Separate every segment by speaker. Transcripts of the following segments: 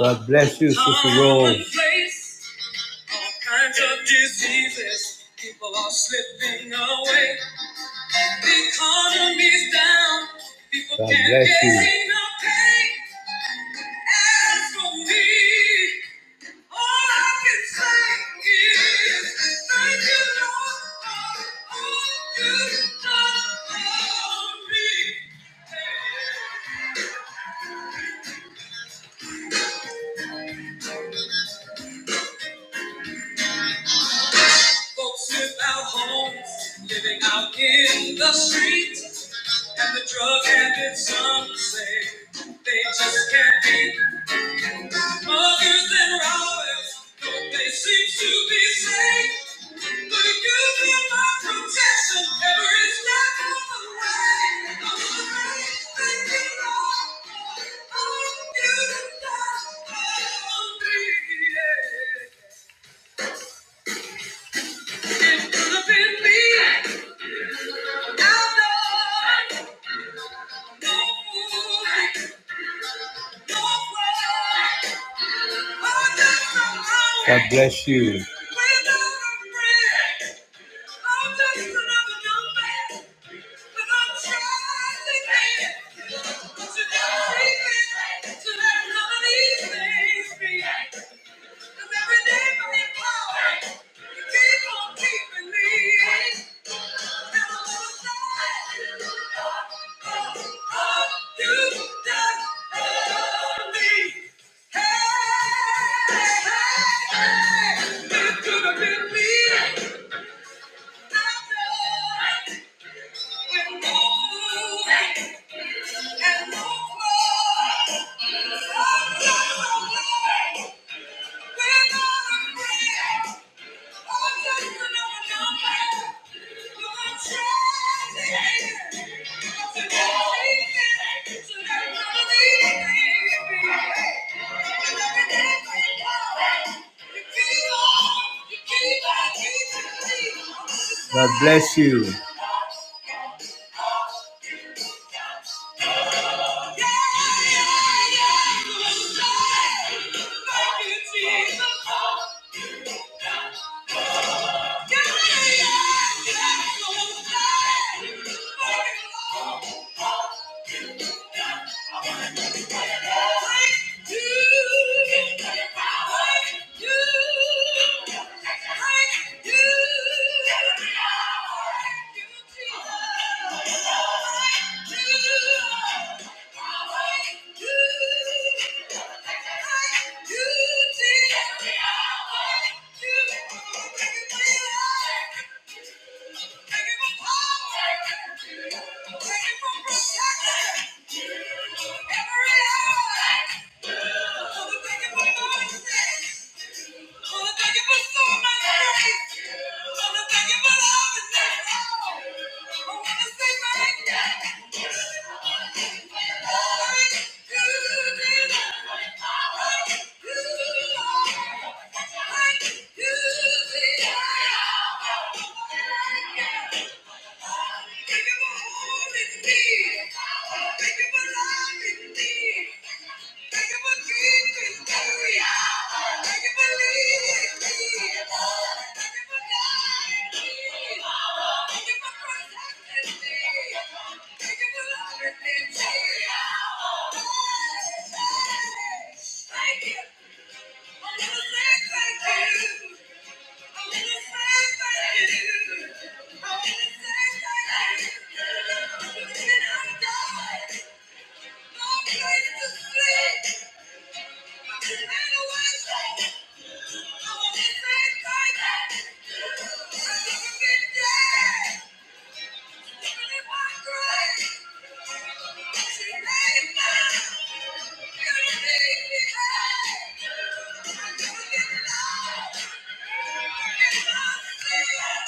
Speaker 1: God bless you, Sister Rose. kinds of diseases. People are slipping away. The economy's down. People God can't bless get you. enough pay. As for me, all I can say is thank you, Lord, for all you've done for me. Folks without homes, living out in the streets, and the drug habit, some say they just can't be. Muggers and robbers, do they seem to be safe? But you've been my protection every step of the way. I'm afraid that you know all you've done for me. It could have been me. God bless you. 'Cause every day for his you keep on keeping me. Never lose sight of- of you just love me. Hey, hey, hey, it could have been me. I know with no food and no clothes. God bless you. Thank you. Thank you. Every hour. Thank you. for loving me. Thank you. Yeah.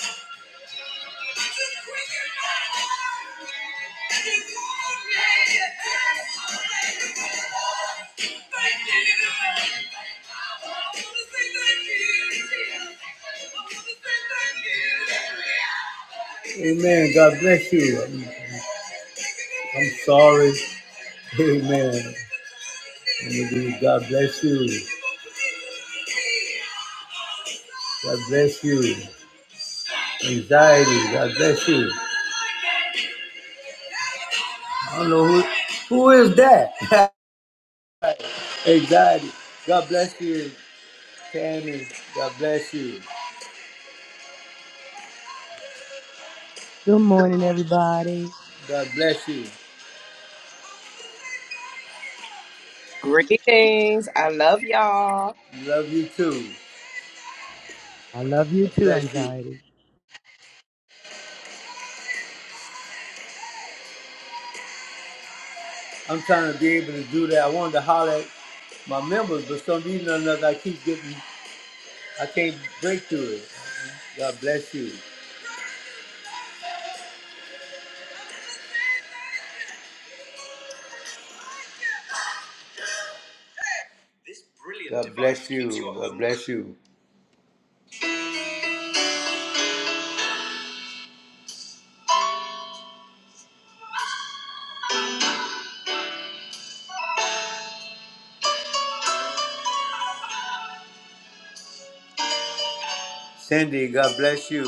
Speaker 1: Amen. God bless you. I'm, I'm sorry. Amen. Amen. God bless you. God bless you. Anxiety. God bless you. I don't know who who is that? Anxiety. God bless you, Tammy. God bless you.
Speaker 2: Good morning, everybody.
Speaker 1: God bless you.
Speaker 3: Greetings. I love y'all.
Speaker 1: Love you too.
Speaker 2: I love you
Speaker 1: God
Speaker 2: too,
Speaker 1: bless you.
Speaker 2: anxiety.
Speaker 1: I'm trying to be able to do that. I wanted to holler at my members, but some reason or another I keep getting I can't break through it. God bless you. God bless you. God bless you. Cindy, God bless you.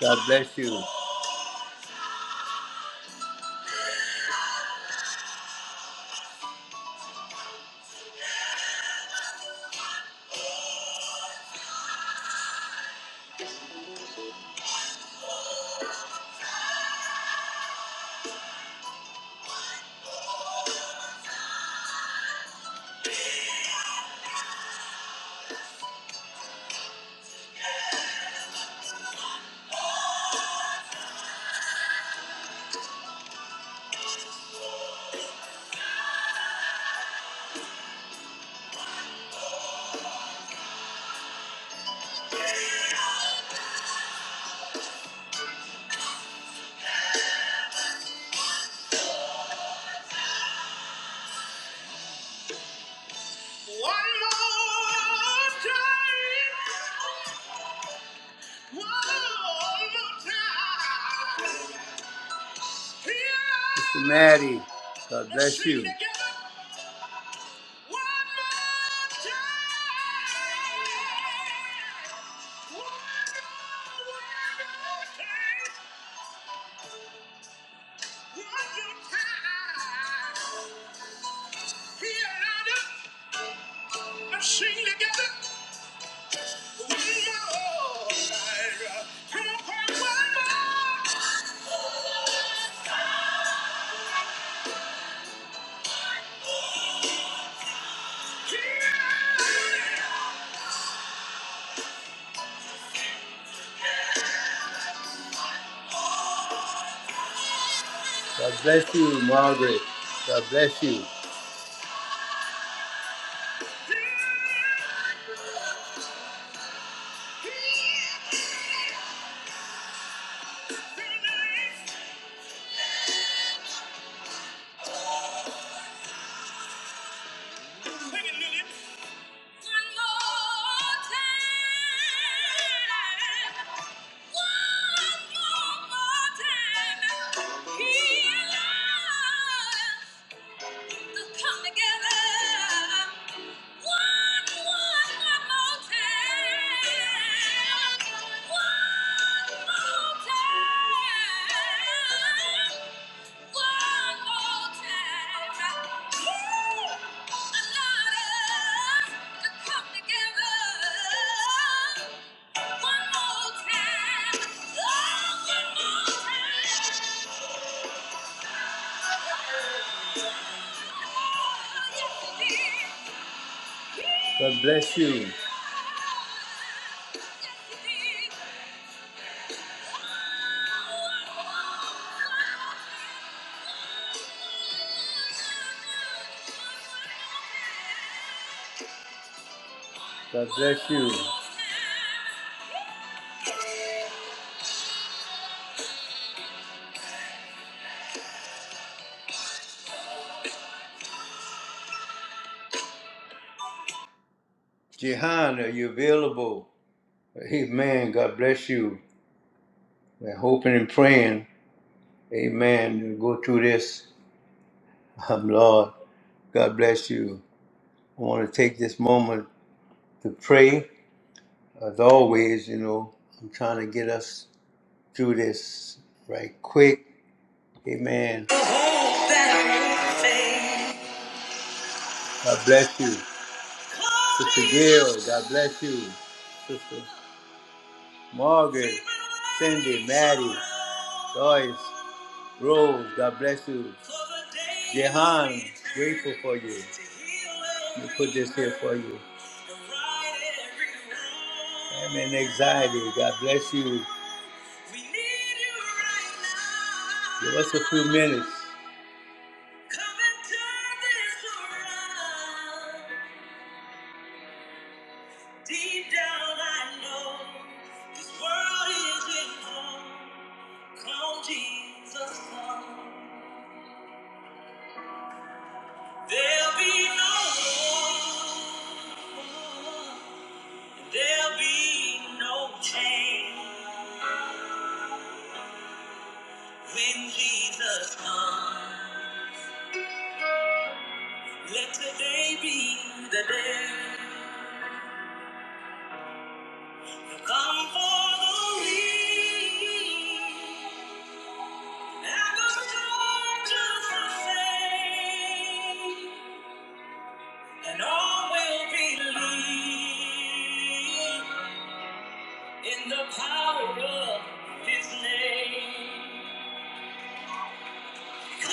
Speaker 1: God bless you. One more time. Mr. Maddie, God bless you. Sing together one more time. Come on, one more. Here I am. God bless you, Margaret. God bless you. Oh, God bless you. God bless you. Jehan, are you available? Amen. God bless you. We're hoping and praying. Amen. You Go through this. Um, Lord, God bless you. I want to take this moment to pray. As always, you know, I'm trying to get us through this right quick. Amen. God bless you. Sister Gail, God bless you. Sister Margaret, Cindy, Maddie, Joyce. Rose, God bless you. Jehan, grateful for you. We put this here for you. I'm in anxiety. God bless you. Give us a few minutes. Jesus, come. There'll be no war, there'll be no change when Jesus comes. Let today be the day. Come for the weak, and the strong just the same, and all will believe in the power of His name. Come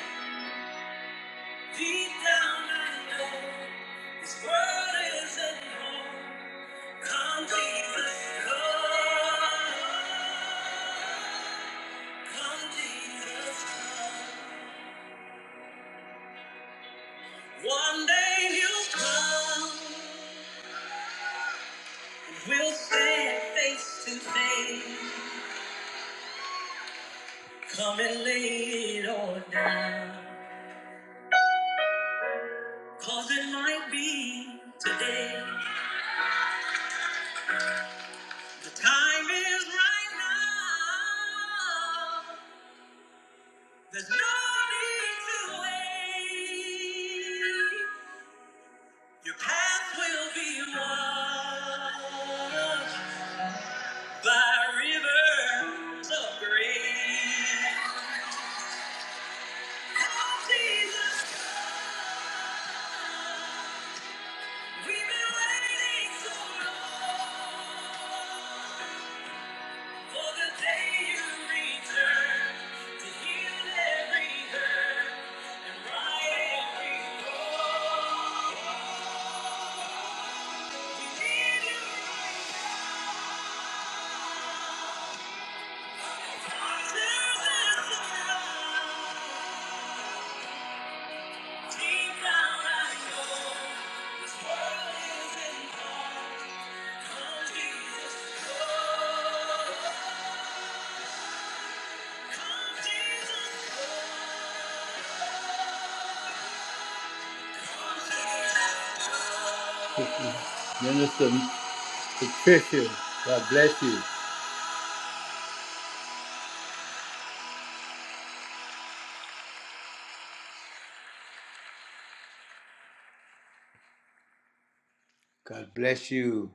Speaker 1: Thank you. Deep down I know this world isn't home. Come Jesus, come. Come Jesus, come. One day you'll come. We'll stand face to face. Come and lay it all down. Cause it might be today. The time is right now. There's no need to wait. Your path will be washed by rivers of grace. Oh, Jesus, we've been waiting so long for the day you return to heal every hurt and right every wrong. We need you, Jesus, and Minister Patricia, God bless you. God bless you.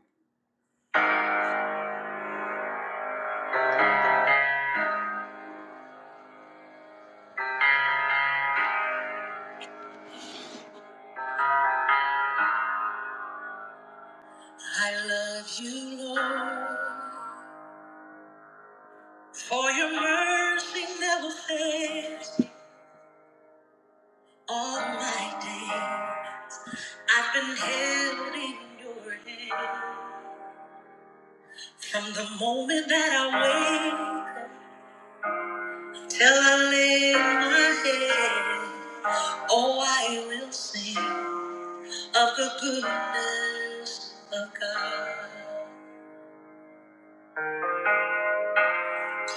Speaker 1: All my day, I've been held in your hand. From the moment that I wake till I lay my head, oh, I will sing of the goodness of God.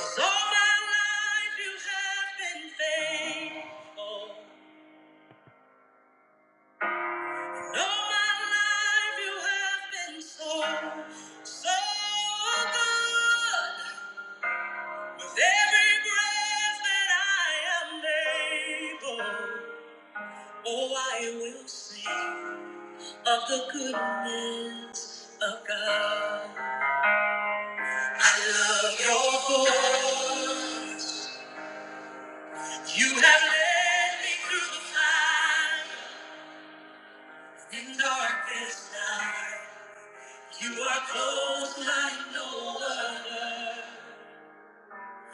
Speaker 1: So my life you have been faithful. No, my life you have been so, so good. With every breath that I am able, oh, I will sing of the goodness of God. I love your voice. You have led me through the fire. In darkest night, you are close like no other.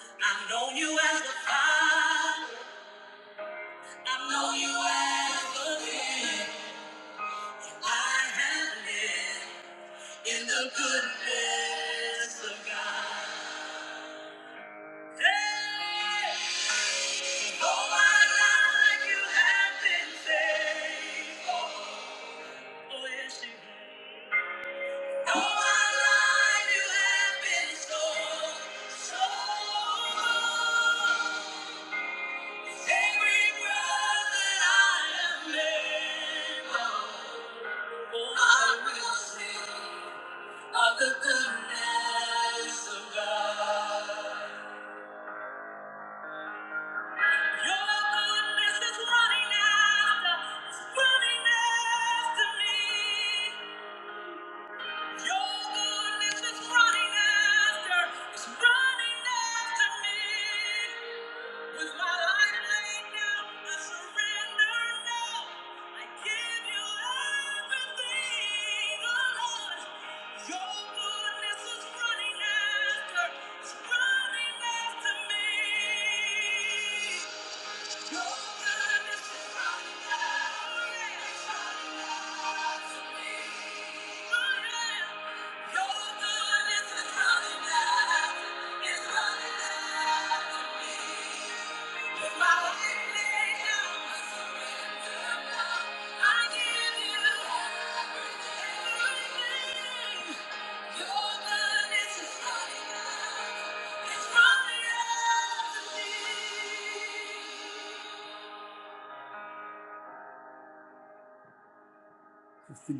Speaker 1: I've known you as the Father. I've known you as the man. I have lived in the goodness of God. Hey! All my life you have been faithful. Oh yes, you have. No life you have been so, so. Every breath that I am able, I will sing of the goodness of God. Your goodness is running after, it's running after me. Your goodness is running after, it's running after me. With my life laid down, I surrender now. I give you everything, oh Lord. Your goodness is running after, is running after me. Your goodness is running after, is running after me. Oh yeah. Your goodness is running after, is running after me.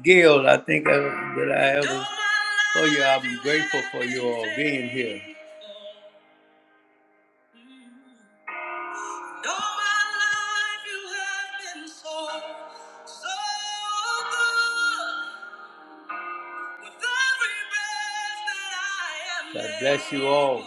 Speaker 1: Gail, I think I, that I ever told you I'm grateful for you all being here. so, so I God bless you all.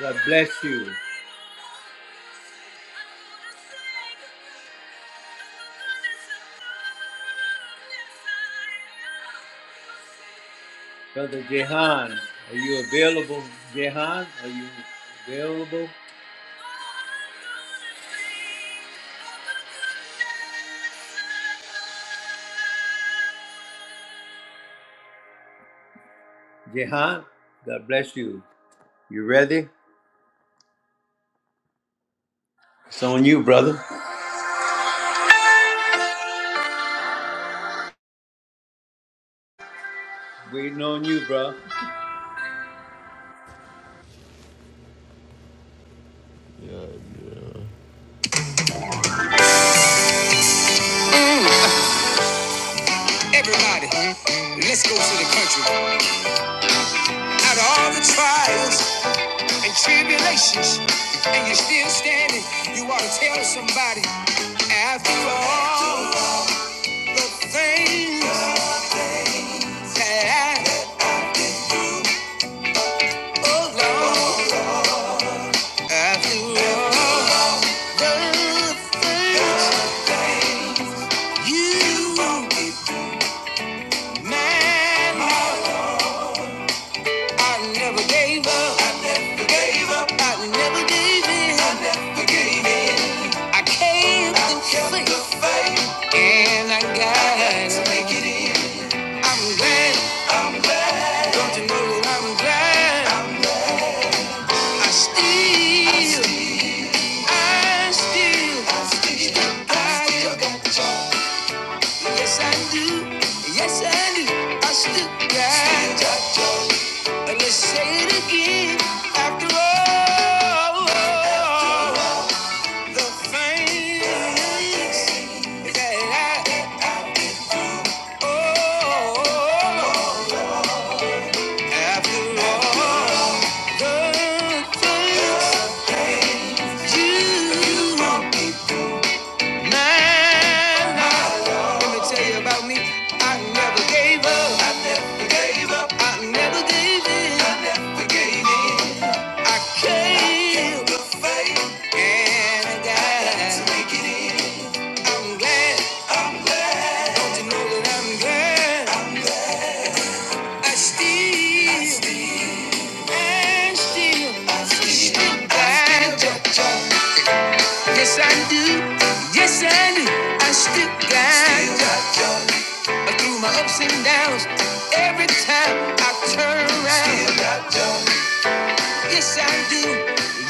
Speaker 1: God bless you. Brother Jehan, are you available? Jehan, are you available? Jehan, God bless you. You ready? It's on you, brother. Waiting on you, bro.
Speaker 4: Everybody, let's go to the country. Out of all the trials and tribulations, and you're still standing, you ought to tell somebody. After all the things that I've done, after all the things you did, man. I never gave up. I never gave up. I never gave in. I never gave in. I kept I the kept faith. And I got it. I'm glad. I'm glad. Don't you know that I'm glad? i still, I still, I still got, yes I do, yes I do, I still got, and let's say it again, after all. The things that I owe. After all the things you meant. Let me tell you about me. I never gave up. I never gave up. I never gave in. I never gave in. I came to faith and I got to make it in. I'm glad. I'm glad. Don't you know that I'm glad? I still and still, I still got you. Yes, I do. Yes, I do. I still got you. Through my ups and downs, every time I turn around. Yes, I do.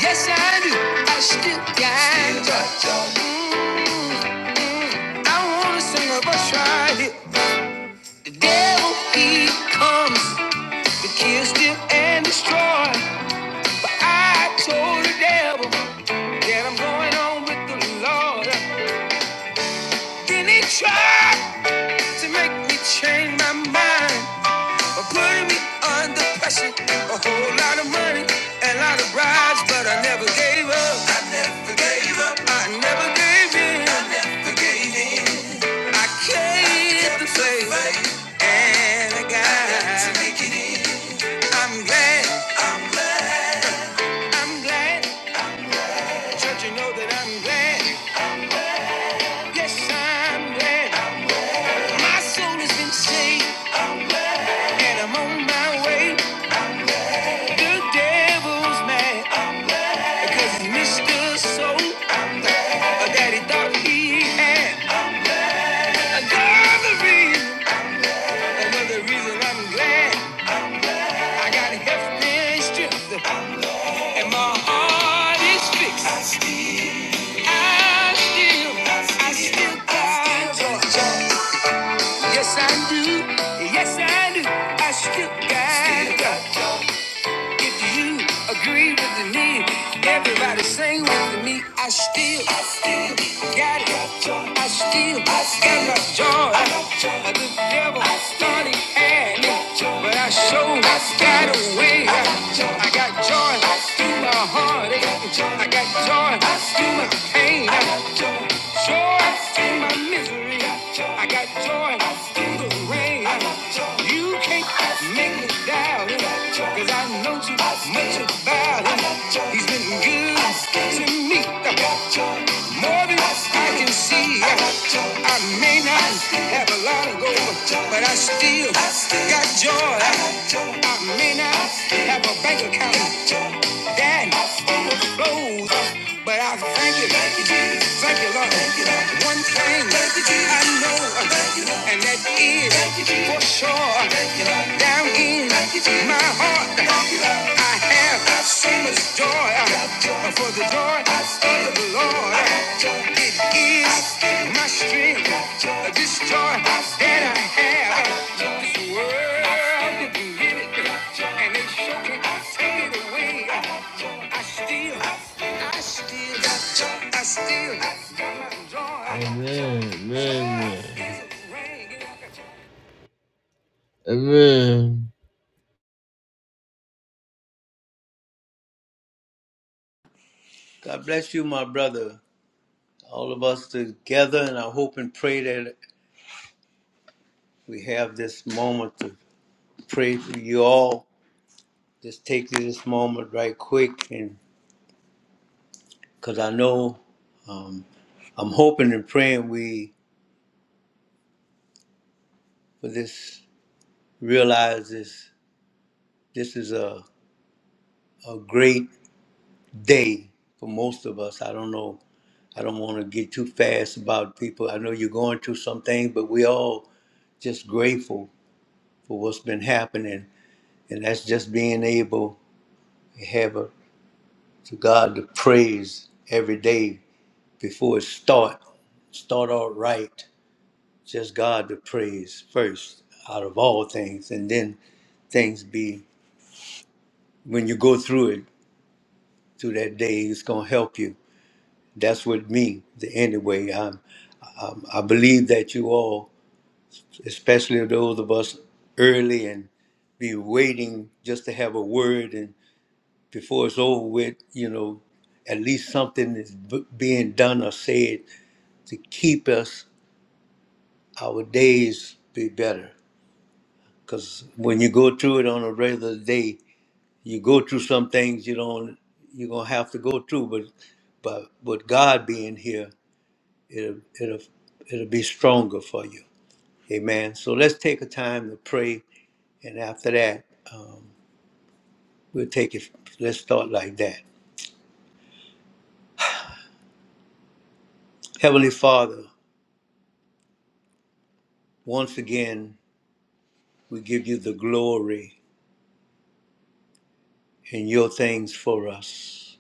Speaker 4: Yes, I do. I still got you. I wanna sing a verse right here. The devil he comes. to kill, steal, and destroy. But I told the devil that I'm going on with the Lord. Then he tried to make me change my mind by putting me under pressure. A whole lot of money and a lot of bribes, but I never gave up. I never gave up. I never gave in. I never gave in. I kept the faith and I got. I'm glad, I'm glad Don't you know that I'm glad? Yes, I'm glad. My soul has been saved. I'm glad. And I'm on my way. The devil's mad. I'm glad. Because he missed the soul uh, that he thought he had. Another reason. Another reason I'm glad. I got health and strength. And my heart is fixed. I still, I still got joy. Yes, I do. Yes, I do. I still got it. If you agree with me, everybody sing with me. I still, I still got it. I still, I still got my joy. I got joy. The devil I started at me, but I showed I got away. I got joy. I got joy through my heartache. I got joy through my pain. I got joy joy through my misery. I got joy through the rain. You can't make me doubt it, cause I know too much about him. He's been good to me, more than I can see. I may not have a lot of gold, but I still got joy. I may not have a bank account that overflows. But I thank you, thank you, Jesus. Thank you, Lord. Thank you, Lord. One thing thank you, Jesus. I know, thank you, Lord. and that is thank you, Jesus. for sure. Thank you, Lord. Down in thank you, Jesus. my heart, thank you, Lord. I have I've so much joy joy. for the joy I've of the Lord. joy. It is I've my strength, joy. this joy I've that I have. i This world can give it, and it sure can take it away. I still Amen. Amen. Amen.
Speaker 1: God bless you, my brother. All of us together, and I hope and pray that we have this moment to pray for you all just take this moment right quick and because I know um, I'm hoping and praying we for this realize this this is a, a great day for most of us. I don't know. I don't want to get too fast about people. I know you're going through some things, but we all just grateful for what's been happening. And that's just being able to have a, to God the praise every day before it start. Start out right just God to praise first out of all things, and then things be when you go through it through that day, it's gonna help you. That's what me. The anyway, I'm, I'm I believe that you all, especially those of us early and be waiting just to have a word, and before it's over with, you know, at least something is b- being done or said to keep us our days be better. Because when you go through it on a regular day, you go through some things you don't you're gonna have to go through but but with god being here it'll it'll it'll be stronger for you amen so let's take a time to pray and after that um, we'll take it let's start like that heavenly father once again we give you the glory in your things for us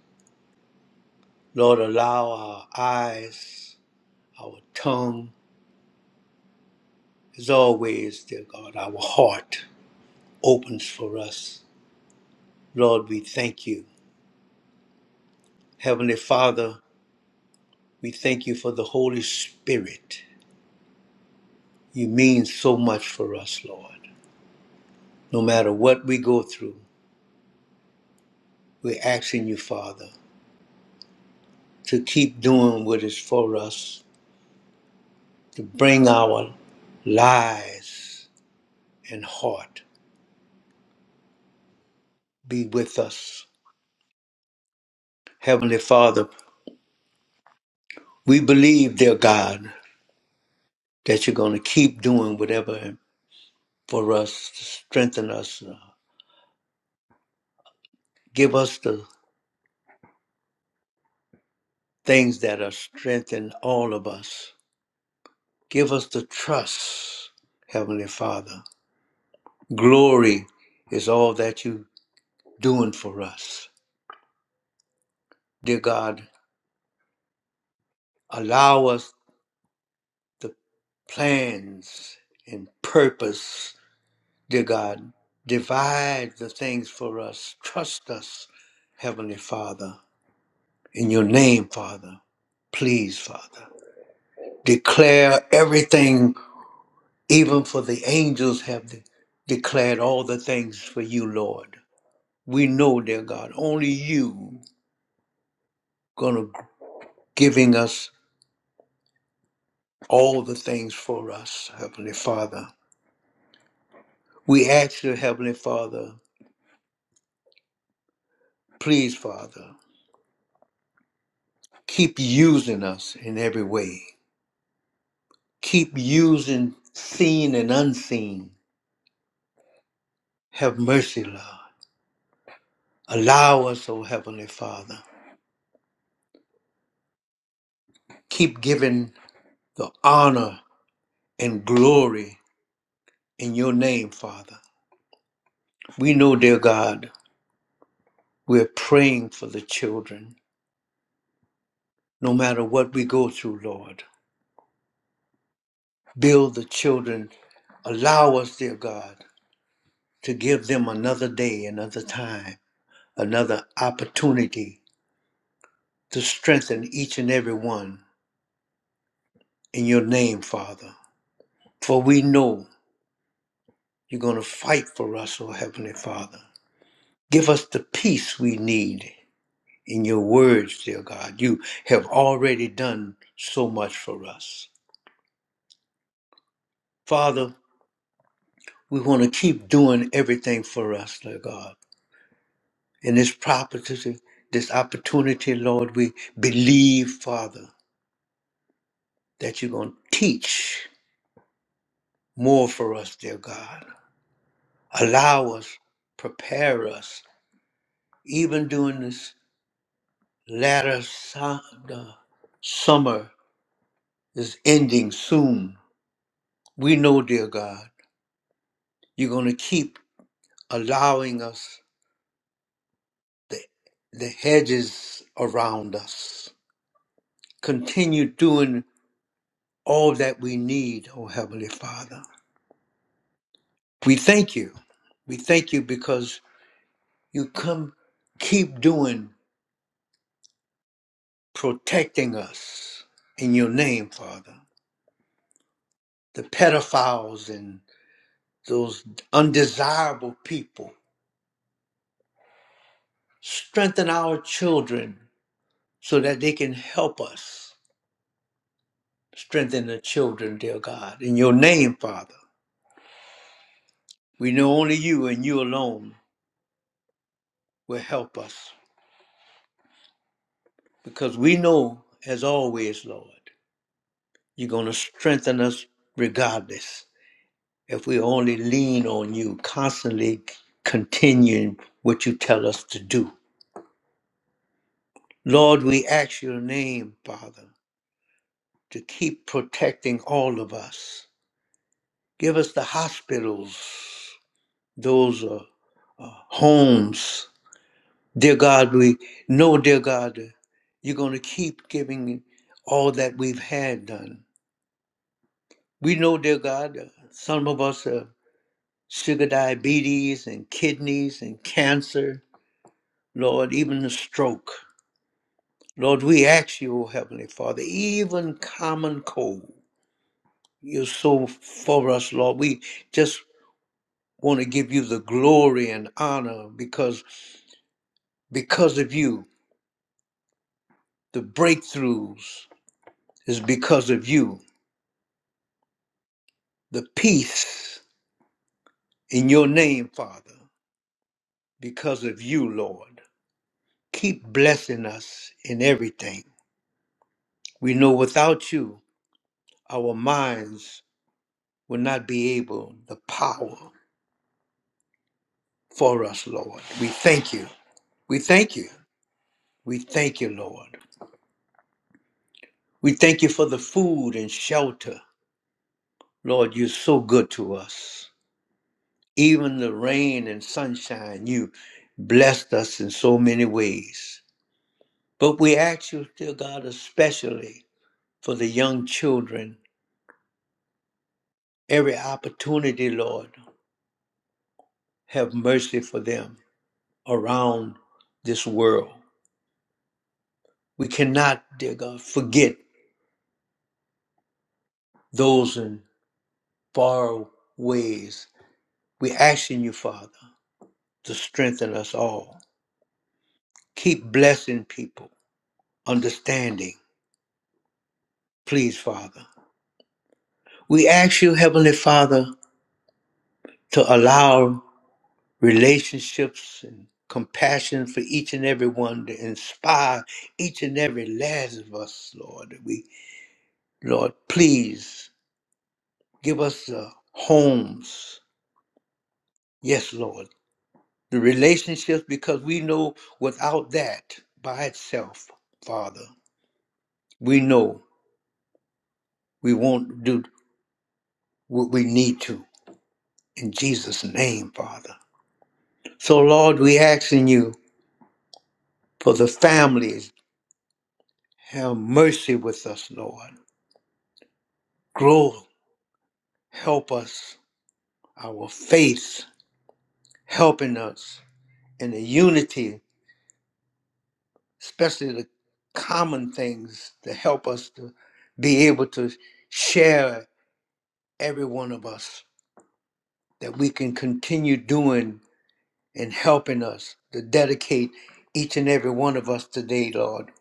Speaker 1: lord allow our eyes our tongue as always dear god our heart opens for us Lord, we thank you. Heavenly Father, we thank you for the Holy Spirit. You mean so much for us, Lord. No matter what we go through, we're asking you, Father, to keep doing what is for us, to bring our lives and heart. Be with us. Heavenly Father, we believe, dear God, that you're going to keep doing whatever for us to strengthen us. uh, Give us the things that are strengthening all of us. Give us the trust, Heavenly Father. Glory is all that you doing for us. Dear God, allow us the plans and purpose. Dear God, divide the things for us. Trust us, Heavenly Father. In your name, Father. Please, Father. Declare everything Even for the angels have de- declared all the things for you, Lord. We know, dear God, only you gonna g- giving us all the things for us, Heavenly Father. We ask you, Heavenly Father, please, Father, keep using us in every way. Keep using seen and unseen. Have mercy, Lord. Allow us, O Heavenly Father. Keep giving the honor and glory in your name, Father. We know, dear God, we're praying for the children, no matter what we go through, Lord. Build the children. Allow us, dear God, to give them another day, another time, another opportunity to strengthen each and every one in your name, Father. For we know you're going to fight for us, O Heavenly Father. Give us the peace we need in your words, dear God. You have already done so much for us. Father, We want to keep doing everything for us, Lord God. In this property, this opportunity, Lord, we believe, Father, that you're going to teach more for us, dear God. Allow us, prepare us, even during this latter su- the summer is ending soon. We know, dear God, you're going to keep allowing us the, the hedges around us. Continue doing all that we need, oh Heavenly Father. We thank you. We thank you because you come keep doing protecting us in your name, Father. The pedophiles and those undesirable people. Strengthen our children so that they can help us. Strengthen the children, dear God. In your name, Father. We know only you and you alone will help us because we know, as always, Lord. You're going to strengthen us regardless. If we only lean on you, constantly continuing what you tell us to do. Lord, we ask your name, Father, to keep protecting all of us. Give us the hospitals, those uh, uh, homes. Dear God, we know, dear God, you're going to keep giving all that we've had done. We know, dear God, uh, some of us. uh, sugar diabetes and kidneys and cancer, Lord, even the stroke. Lord, we ask you, O Heavenly Father, even common cold. You're so for us, Lord. We just want to give you the glory and honor because because of you, the breakthroughs is because of you. The peace in your name, Father, because of you, Lord. Keep blessing us in everything. We know without you our minds will not be able the power for us, Lord. We thank you. We thank you. We thank you, Lord. We thank you for the food and shelter. Lord, you're so good to us. Even the rain and sunshine, you blessed us in so many ways. But we ask you, dear God, especially for the young children, every opportunity, Lord, have mercy for them around this world. We cannot, dear God, forget those in far ways. We're asking you, Father, to strengthen us all. Keep blessing people, understanding, please, Father. We ask you, Heavenly Father, to allow relationships and compassion for each and every one to inspire each and every last of us, Lord. We, Lord, please give us uh, homes. Yes, Lord the relationships, because we know without that by itself, Father, we know we won't do what we need to in Jesus' name, Father. So, Lord, we asking you for the families. Have mercy with us, Lord. Grow, help us, our faith, helping us in the unity, especially the common things to help us to be able to share every one of us that we can continue doing and helping us to dedicate each and every one of us today, Lord.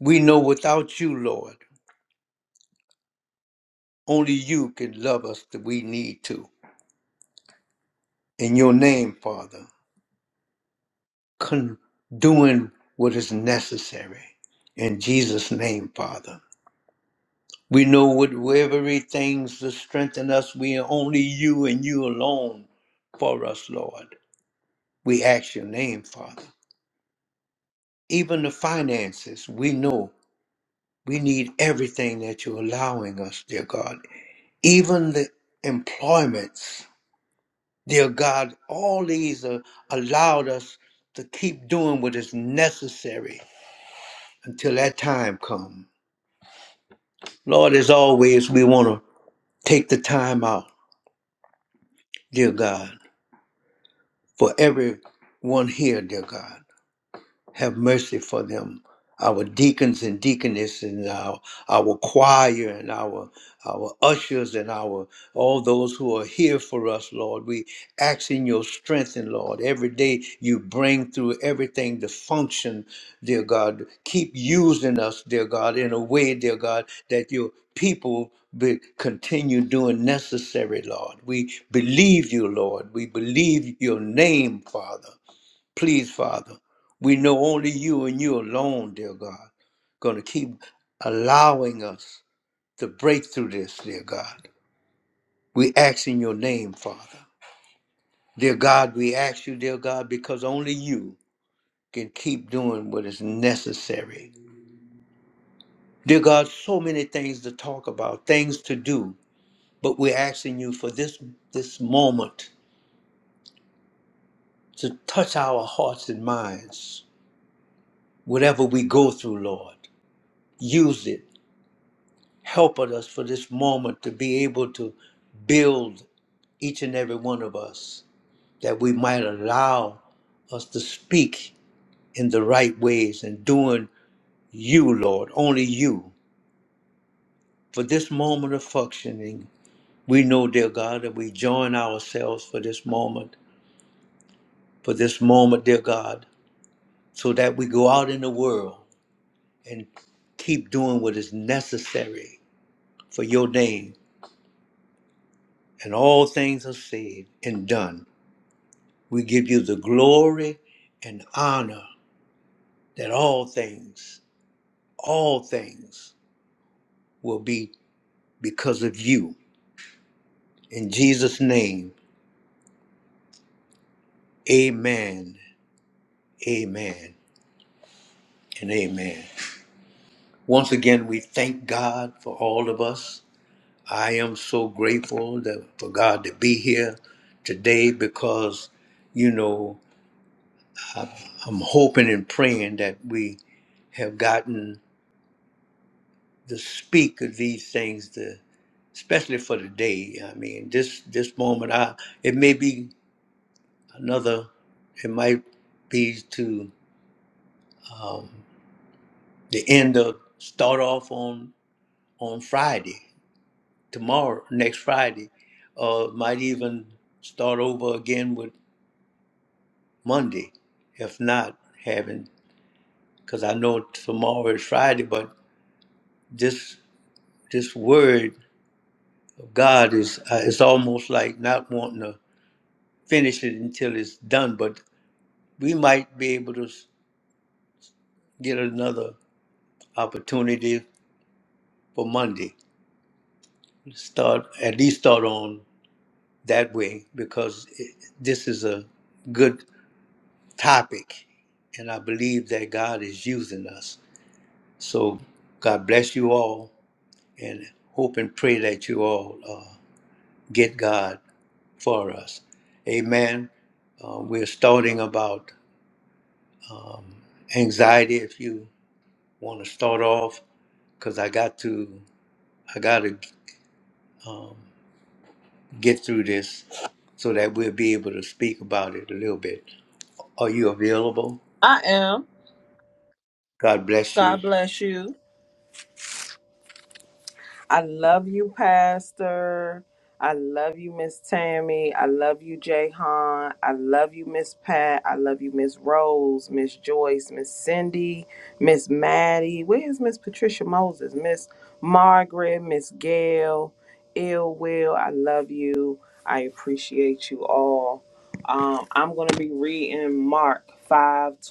Speaker 1: We know without you, Lord, only you can love us that we need to. In your name, Father, con- doing what is necessary. In Jesus' name, Father. We know whatever things to strengthen us, we are only you and you alone for us, Lord. We ask your name, Father. Even the finances, we know. We need everything that you're allowing us, dear God. Even the employments, dear God, all these are allowed us to keep doing what is necessary until that time comes, Lord, as always, we want to take the time out, dear God, for everyone here, dear God. have mercy for them. Our deacons and deaconesses and our, our choir and our our ushers and our all those who are here for us, Lord. We ask in your strength and Lord. Every day you bring through everything to function, dear God. Keep using us, dear God, in a way, dear God, that your people be, continue doing necessary, Lord. We believe you, Lord. We believe your name, Father. Please, Father, we know only you and you alone, dear God, going to keep allowing us to break through this, dear God. We ask in your name, Father. Dear God, we ask you, dear God, because only you can keep doing what is necessary. Dear God, so many things to talk about, things to do, but we're asking you for this this moment to touch our hearts and minds. Whatever we go through, Lord, use it Help us for this moment to be able to build each and every one of us, that we might allow us to speak in the right ways and doing you, Lord, only you. For this moment of functioning, we know, dear God, that we join ourselves for this moment, for this moment, dear God, so that we go out in the world and keep doing what is necessary for your name. And all things are said and done We give you the glory and honor that all things, all things will be because of you. In Jesus' name, amen, amen, and amen. Once again, we thank God for all of us. I am so grateful that, for God to be here today because, you know, I- I'm hoping and praying that we have gotten to speak of these things, to, especially for today. I mean, this this moment, I it may be another, it might be to um, the end of start off on on Friday, tomorrow, next Friday, or might even start over again with Monday, if not having, because I know tomorrow is Friday, but this this word of God is uh, it's almost like not wanting to. finish it until it's done, but we might be able to s- get another opportunity for Monday. Start at least start on that way because it, this is a good topic, and I believe that God is using us. So God bless you all, and hope and pray that you all uh, get God for us. Amen. Uh, we're starting about anxiety. If you want to start off, because I got to. I got to get through this so that we'll be able to speak about it a little bit. Are you available?
Speaker 3: I am.
Speaker 1: God bless
Speaker 3: God
Speaker 1: you.
Speaker 3: bless you. I love you, Pastor. I love you, Miss Tammy. I love you, Jay Han. I love you, Miss Pat. I love you, Miss Rose, Miss Joyce, Miss Cindy, Miss Maddie. Where's Miss Patricia Moses? Miss Margaret, Miss Gail, Ill Will. I love you. I appreciate you all. Um, I'm going to be reading Mark 5:21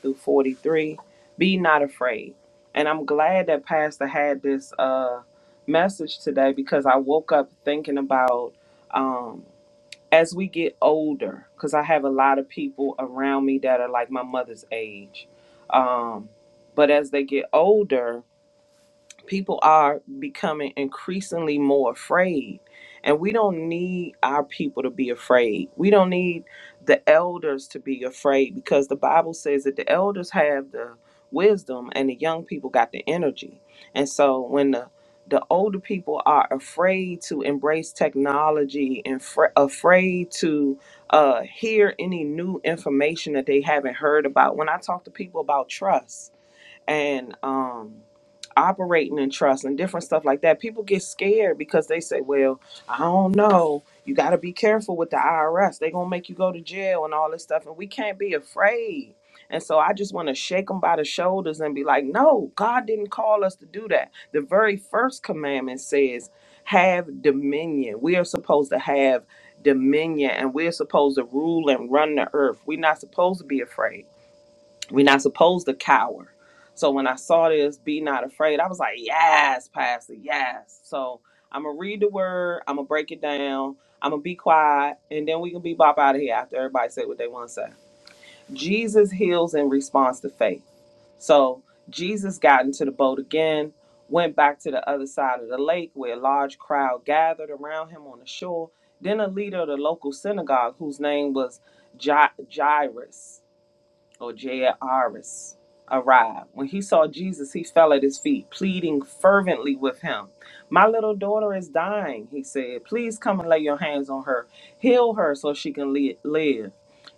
Speaker 3: through 43. Be not afraid. And I'm glad that Pastor had this uh, message today because I woke up thinking about um, as we get older, because I have a lot of people around me that are like my mother's age. Um, but as they get older, people are becoming increasingly more afraid and we don't need our people to be afraid we don't need the elders to be afraid because the bible says that the elders have the wisdom and the young people got the energy and so when the the older people are afraid to embrace technology and fr- afraid to uh, hear any new information that they haven't heard about. When I talk to people about trust, and um operating in trust and different stuff like that people get scared because they say well i don't know you got to be careful with the irs they are gonna make you go to jail and all this stuff and we can't be afraid and so i just want to shake them by the shoulders and be like no god didn't call us to do that the very first commandment says have dominion we are supposed to have dominion and we're supposed to rule and run the earth we're not supposed to be afraid we're not supposed to cower. So when I saw this, be not afraid, I was like, yes, Pastor, yes. So I'm going to read the word, I'm going to break it down, I'm going to be quiet, and then we can be bop out of here after everybody say what they want to say. Jesus heals in response to faith. So Jesus got into the boat again, went back to the other side of the lake where a large crowd gathered around him on the shore. Then a leader of the local synagogue, whose name was Ja- Jairus, or Jairus arrived. When he saw Jesus, he fell at his feet, pleading fervently with him. My little daughter is dying, he said. Please come and lay your hands on her. Heal her so she can li- live.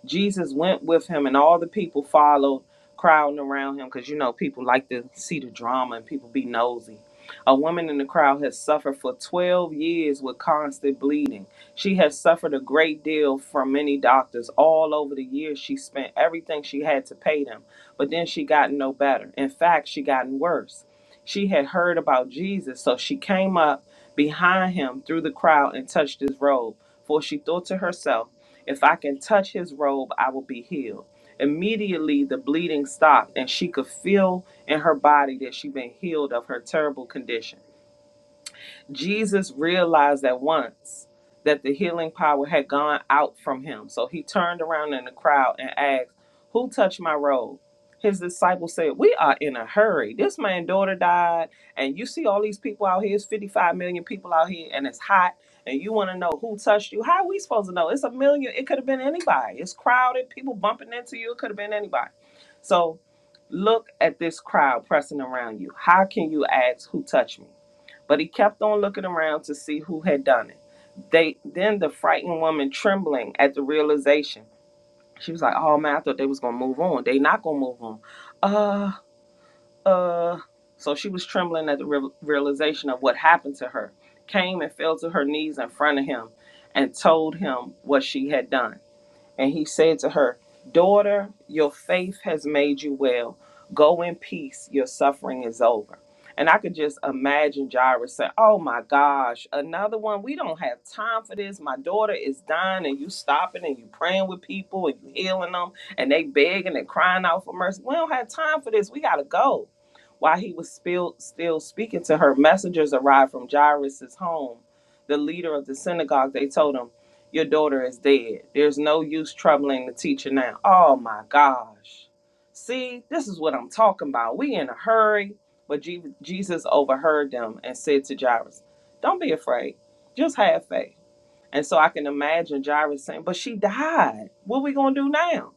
Speaker 3: Jesus went with him, and all the people followed, crowding around him because you know people like to see the drama and people be nosy. A woman in the crowd had suffered for 12 years with constant bleeding. She has suffered a great deal from many doctors all over the years. She spent everything she had to pay them, but then she got no better. In fact, she gotten worse. She had heard about Jesus, so she came up behind him through the crowd and touched his robe. For she thought to herself, if I can touch his robe, I will be healed. Immediately the bleeding stopped, and she could feel in her body that she'd been healed of her terrible condition. Jesus realized at once that the healing power had gone out from him. So he turned around in the crowd and asked, Who touched my robe? His disciples said, We are in a hurry. This man's daughter died, and you see all these people out here. It's 55 million people out here, and it's hot, and you want to know who touched you. How are we supposed to know? It's a million. It could have been anybody. It's crowded, people bumping into you. It could have been anybody. So look at this crowd pressing around you. How can you ask who touched me? But he kept on looking around to see who had done it. They then the frightened woman trembling at the realization. She was like, Oh man, I thought they was gonna move on. They not gonna move on. Uh uh so she was trembling at the real realization of what happened to her, came and fell to her knees in front of him and told him what she had done. And he said to her, Daughter, your faith has made you well. Go in peace, your suffering is over. And I could just imagine Jairus saying, Oh my gosh, another one. We don't have time for this. My daughter is dying, and you stopping and you praying with people and you healing them, and they begging and crying out for mercy. We don't have time for this. We got to go. While he was still, still speaking to her, messengers arrived from Jairus's home. The leader of the synagogue, they told him, your daughter is dead. There's no use troubling the teacher now. Oh my gosh. See, this is what I'm talking about. We in a hurry. But Je- Jesus overheard them and said to Jairus, Don't be afraid. Just have faith. And so I can imagine Jairus saying, But she died. What are we going to do now?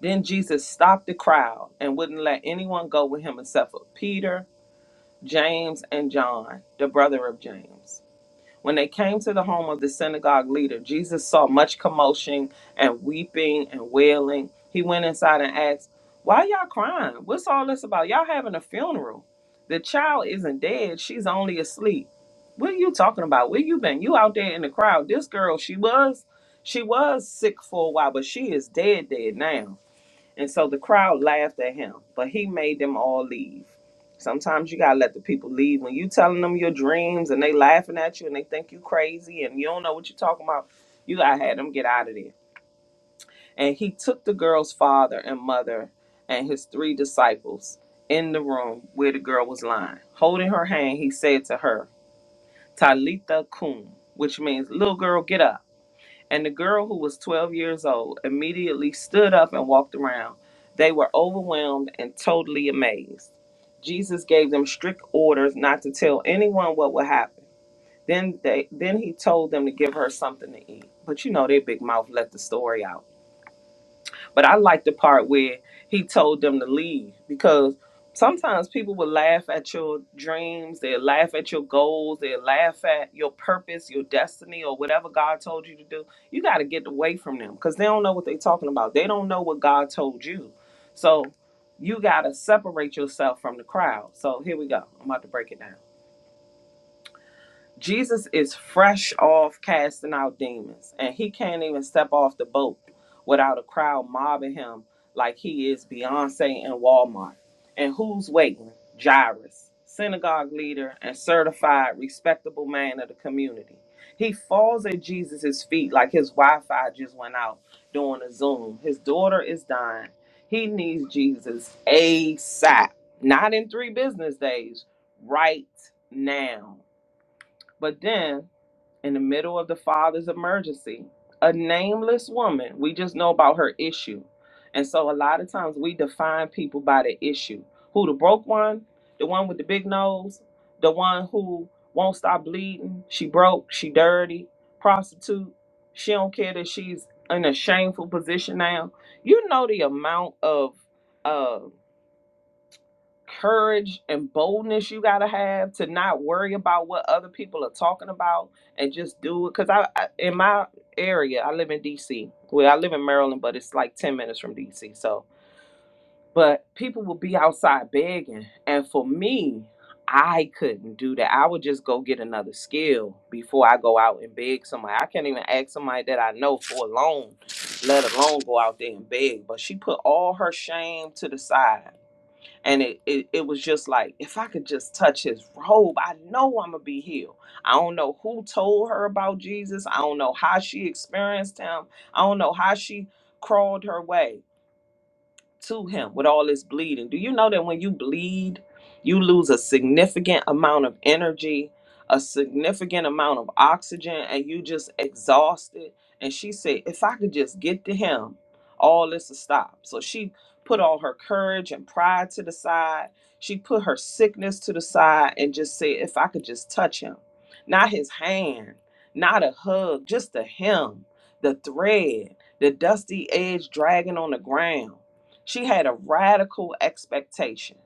Speaker 3: Then Jesus stopped the crowd and wouldn't let anyone go with him except for Peter, James, and John, the brother of James. When they came to the home of the synagogue leader, Jesus saw much commotion and weeping and wailing. He went inside and asked, Why y'all crying? What's all this about? Y'all having a funeral. The child isn't dead, she's only asleep. What are you talking about? Where you been? You out there in the crowd. This girl, she was she was sick for a while, but she is dead dead now. And so the crowd laughed at him, but he made them all leave. Sometimes you gotta let the people leave. When you telling them your dreams and they laughing at you and they think you crazy and you don't know what you're talking about, you gotta have them get out of there. And he took the girl's father and mother and his three disciples in the room where the girl was lying. Holding her hand, he said to her, Talitha cum," which means little girl, get up and the girl who was 12 years old immediately stood up and walked around. They were overwhelmed and totally amazed. Jesus gave them strict orders not to tell anyone what would happen. Then they then he told them to give her something to eat. But you know their big mouth let the story out. But I like the part where he told them to leave because sometimes people will laugh at your dreams, they'll laugh at your goals, they'll laugh at your purpose, your destiny, or whatever God told you to do. You got to get away from them because they don't know what they're talking about. They don't know what God told you. So you got to separate yourself from the crowd. So here we go. I'm about to break it down. Jesus is fresh off casting out demons, and he can't even step off the boat without a crowd mobbing him like he is Beyonce and Walmart. And who's waiting? Jairus, synagogue leader and certified respectable man of the community. He falls at Jesus' feet like his Wi Fi just went out during a Zoom. His daughter is dying. He needs Jesus ASAP, not in three business days, right now. But then, in the middle of the father's emergency, a nameless woman, we just know about her issue. And so, a lot of times, we define people by the issue who the broke one, the one with the big nose, the one who won't stop bleeding, she broke, she dirty, prostitute, she don't care that she's in a shameful position now. You know the amount of. uh, courage and boldness you gotta have to not worry about what other people are talking about and just do it. Cause I, I in my area, I live in DC. Well, I live in Maryland, but it's like ten minutes from DC. So, but people will be outside begging, and for me, I couldn't do that. I would just go get another skill before I go out and beg somebody. I can't even ask somebody that I know for a loan, let alone go out there and beg. But she put all her shame to the side and it, it, it was just like if i could just touch his robe i know i'm gonna be healed i don't know who told her about jesus i don't know how she experienced him i don't know how she crawled her way to him with all his bleeding. Do you know that when you bleed, you lose a significant amount of energy, a significant amount of oxygen, and you just exhausted? And she said, If I could just get to him, all this will stop. So she put all her courage and pride to the side. She put her sickness to the side and just said, If I could just touch him, not his hand, not a hug, just a him, the thread, the dusty edge dragging on the ground. She had a radical expectation.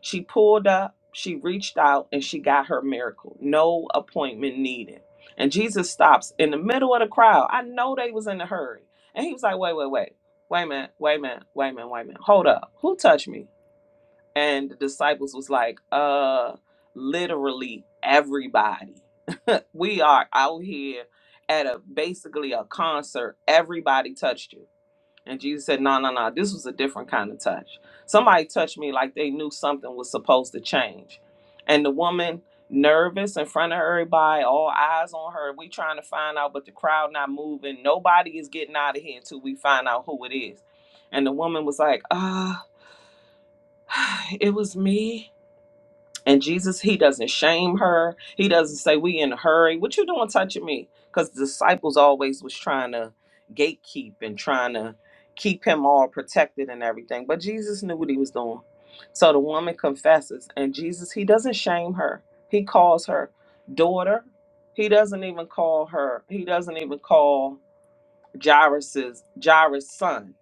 Speaker 3: She pulled up, she reached out, and she got her miracle. No appointment needed. And Jesus stops in the middle of the crowd. I know they was in a hurry. And he was like, wait, wait, wait. Wait a minute, wait a minute, wait a minute, wait a minute. Hold up. Who touched me? And the disciples was like, uh, literally everybody. We are out here at a basically a concert. Everybody touched you and Jesus said, No, no, no, this was a different kind of touch. Somebody touched me like they knew something was supposed to change. And the woman, nervous in front of everybody, all eyes on her. We trying to find out, but the crowd not moving. Nobody is getting out of here until we find out who it is. And the woman was like, Ah, it was me. And Jesus, he doesn't shame her. He doesn't say, We in a hurry. What you doing touching me? Because the disciples always was trying to gatekeep and trying to keep him all protected and everything. But Jesus knew what he was doing. So the woman confesses, and Jesus, he doesn't shame her. He calls her daughter. He doesn't even call her, he doesn't even call Jairus's Jairus' son.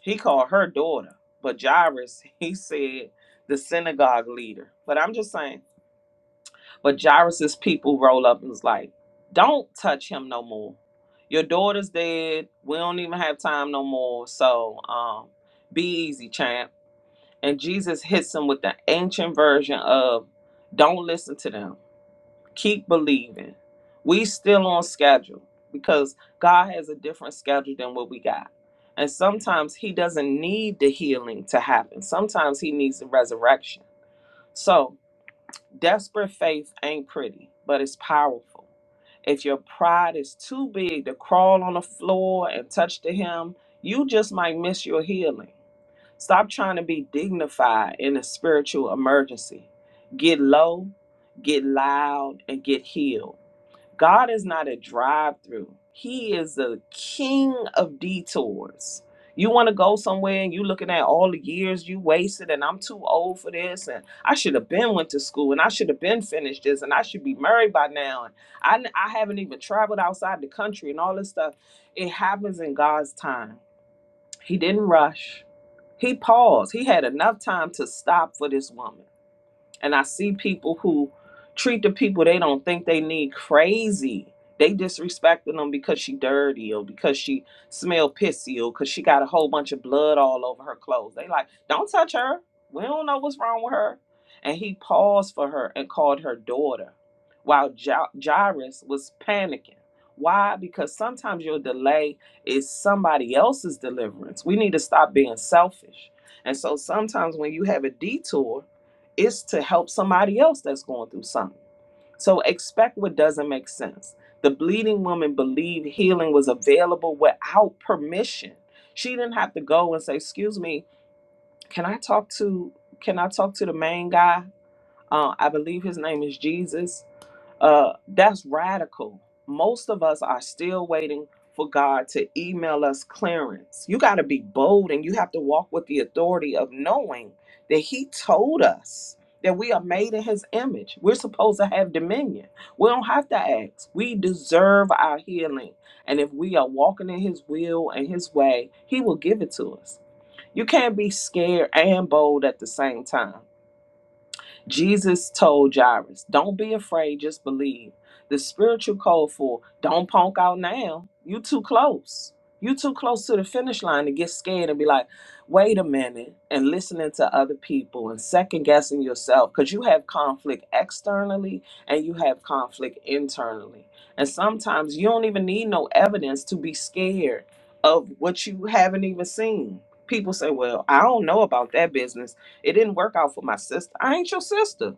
Speaker 3: He called her daughter. But Jairus, he said the synagogue leader. But I'm just saying but Jairus's people roll up and was like, "Don't touch him no more. Your daughter's dead. We don't even have time no more. So um, be easy, champ." And Jesus hits him with the ancient version of, "Don't listen to them. Keep believing. We still on schedule because God has a different schedule than what we got." And sometimes he doesn't need the healing to happen. Sometimes he needs the resurrection. So Desperate faith ain't pretty, but it's powerful. If your pride is too big to crawl on the floor and touch the hem, you just might miss your healing. Stop trying to be dignified in a spiritual emergency. Get low, get loud, and get healed. God is not a drive through. He is the king of detours. You want to go somewhere and you looking at all the years you wasted and I'm too old for this and I should have been went to school and I should have been finished this and I should be married by now and I I n- I haven't even traveled outside the country and all this stuff. It happens in God's time. He didn't rush. He paused. He had enough time to stop for this woman and I see people who treat the people they don't think they need crazy. They disrespecting them because she dirty or because she smell pissy or because she got a whole bunch of blood all over her clothes. They like, don't touch her. We don't know what's wrong with her. And he paused for her and called her daughter while Ja- Jairus was panicking. Why? Because sometimes your delay is somebody else's deliverance. We need to stop being selfish. And so sometimes when you have a detour, is to help somebody else that's going through something. So expect what doesn't make sense. The bleeding woman believed healing was available without permission. She didn't have to go and say, "Excuse me, can I talk to can I talk to the main guy? Uh, I believe his name is Jesus. Uh, that's radical. Most of us are still waiting for God to email us clearance. You got to be bold and you have to walk with the authority of knowing that He told us that we are made in His image. We're supposed to have dominion. We don't have to ask. We deserve our healing. And if we are walking in His will and His way, He will give it to us. You can't be scared and bold at the same time. Jesus told Jairus, Don't be afraid, just believe. The spiritual code for don't punk out now. You too close. You too close to the finish line to get scared and be like, wait a minute, and listening to other people and second guessing yourself because you have conflict externally and you have conflict internally. And sometimes you don't even need no evidence to be scared of what you haven't even seen. People say, Well, I don't know about that business it didn't work out for my sister. I ain't your sister.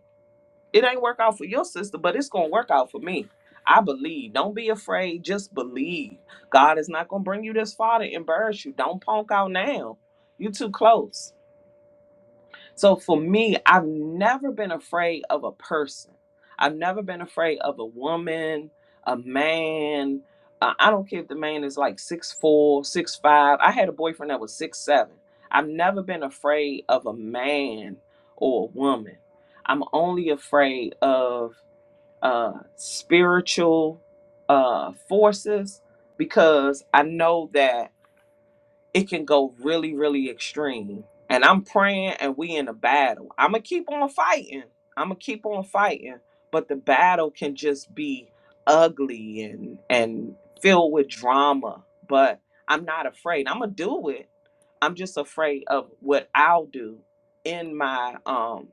Speaker 3: It ain't work out for your sister, but it's gonna work out for me. I believe. Don't be afraid. Just believe. God is not gonna bring you this far to embarrass you. Don't punk out now. You too close. So for me, I've never been afraid of a person. I've never been afraid of a woman, a man. Uh, I don't care if the man is like six four, six five. I had a boyfriend that was six seven. I've never been afraid of a man or a woman. I'm only afraid of uh, spiritual uh, forces because I know that it can go really, really extreme. And I'm praying and we in a battle. I'ma keep on fighting. I'ma keep on fighting. But the battle can just be ugly and and filled with drama. But I'm not afraid. I'ma do it. I'm just afraid of what I'll do in my um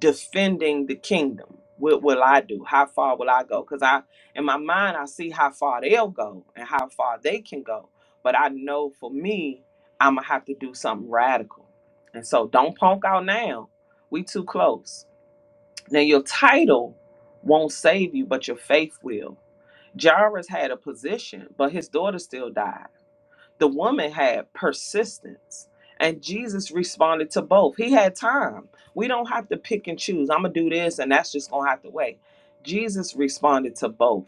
Speaker 3: defending the kingdom. What will I do? How far will I go? Because I, in my mind, I see how far they'll go and how far they can go. But I know for me, I'm gonna have to do something radical. And so, don't punk out now. We too close. Now, your title won't save you, but your faith will. Jairus had a position, but his daughter still died. The woman had persistence. And Jesus responded to both. He had time. We don't have to pick and choose. I'm going to do this and that's just going to have to wait. Jesus responded to both.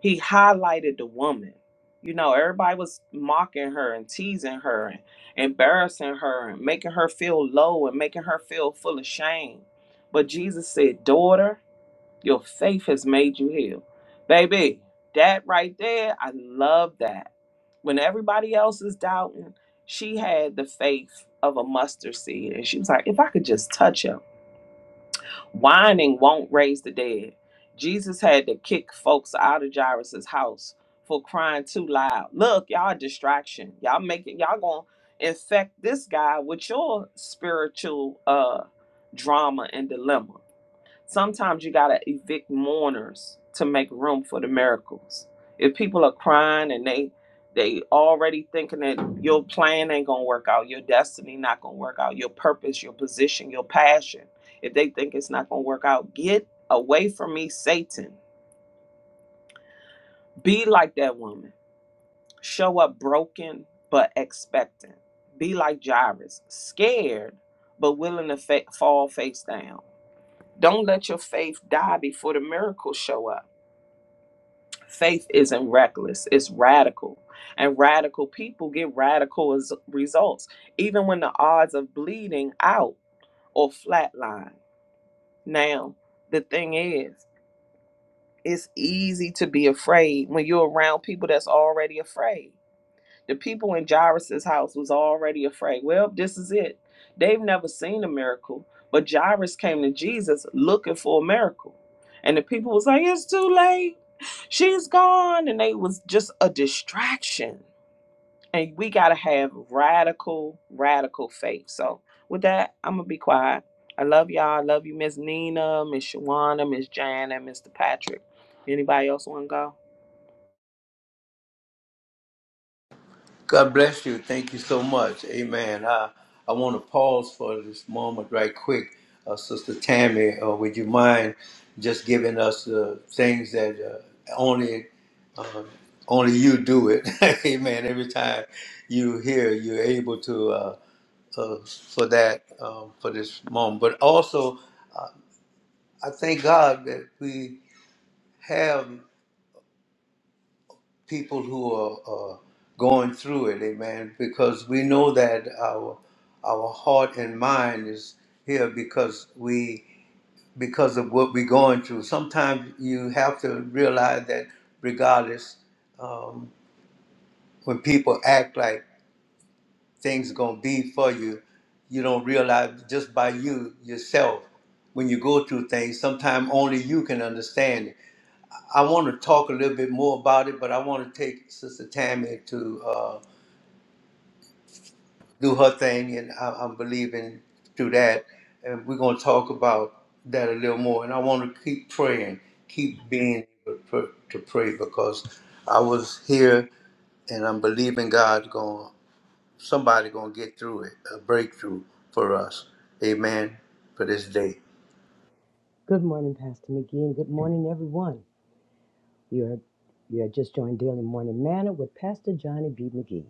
Speaker 3: He highlighted the woman. You know, everybody was mocking her and teasing her and embarrassing her and making her feel low and making her feel full of shame. But Jesus said, Daughter, your faith has made you heal. Baby, that right there, I love that. When everybody else is doubting, she had the faith of a mustard seed. And she was like, if I could just touch him, whining won't raise the dead. Jesus had to kick folks out of Jairus' house for crying too loud. Look, y'all a distraction. Y'all making y'all gonna infect this guy with your spiritual uh drama and dilemma. Sometimes you got to evict mourners to make room for the miracles. If people are crying and they they already thinking that your plan ain't going to work out, your destiny not going to work out, your purpose, your position, your passion. If they think it's not going to work out, get away from me, Satan. Be like that woman. Show up broken but expectant. Be like Jairus, scared but willing to fa- fall face down. Don't let your faith die before the miracles show up faith isn't reckless it's radical and radical people get radical as results even when the odds of bleeding out or flatline now the thing is it's easy to be afraid when you're around people that's already afraid the people in Jairus's house was already afraid. Well, this is it. They've never seen a miracle, but Jairus came to Jesus looking for a miracle. And the people was like, it's too late. She's gone. And they was just a distraction. And we got to have radical, radical faith. So, with that, I'm going to be quiet. I love y'all. I love you, Miss Nina, Miss Shawana, Miss Jan, and Mr. Patrick. Anybody else want to go?
Speaker 1: God bless you. Thank you so much. Amen. I, I want to pause for this moment right quick. Uh, Sister Tammy, uh, would you mind just giving us the things that uh, only uh, only you do it? Amen. Every time you hear, you're able to uh, uh, for that um, for this moment. But also, uh, I thank God that we have people who are uh, going through it, amen, because we know that our our heart and mind is here because we because of what we're going through. Sometimes you have to realize that regardless, um, when people act like things gonna be for you, you don't realize just by you yourself when you go through things. Sometimes only you can understand it I want to talk a little bit more about it, but I want to take Sister Tammy to uh, do her thing, and I, I'm believing through that. And we're going to talk about that a little more. And I want to keep praying, keep being able to pr- to pray because I was here, and I'm believing God's going, somebody going to get through it, a breakthrough for us. Amen. For this day.
Speaker 2: Good morning, Pastor McGee, and good morning, everyone. You're you are just joined Daily Morning Manna with Pastor Johnny B. McGee.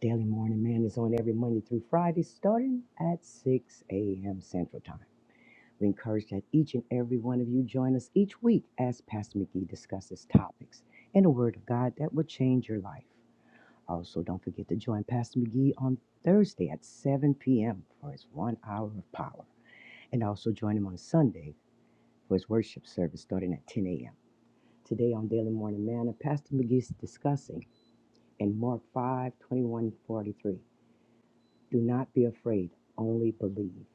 Speaker 2: Daily Morning Manna is on every Monday through Friday, starting at 6 a.m. Central Time. We encourage that each and every one of you join us each week as Pastor McGee discusses topics and the Word of God that will change your life. Also, don't forget to join Pastor McGee on Thursday at 7 p.m. for his one hour of power. and also join him on Sunday for his worship service starting at 10 a.m. Today on Daily Morning Manna, Pastor McGee is discussing in Mark 5 twenty-one, 43. Do not be afraid, only believe.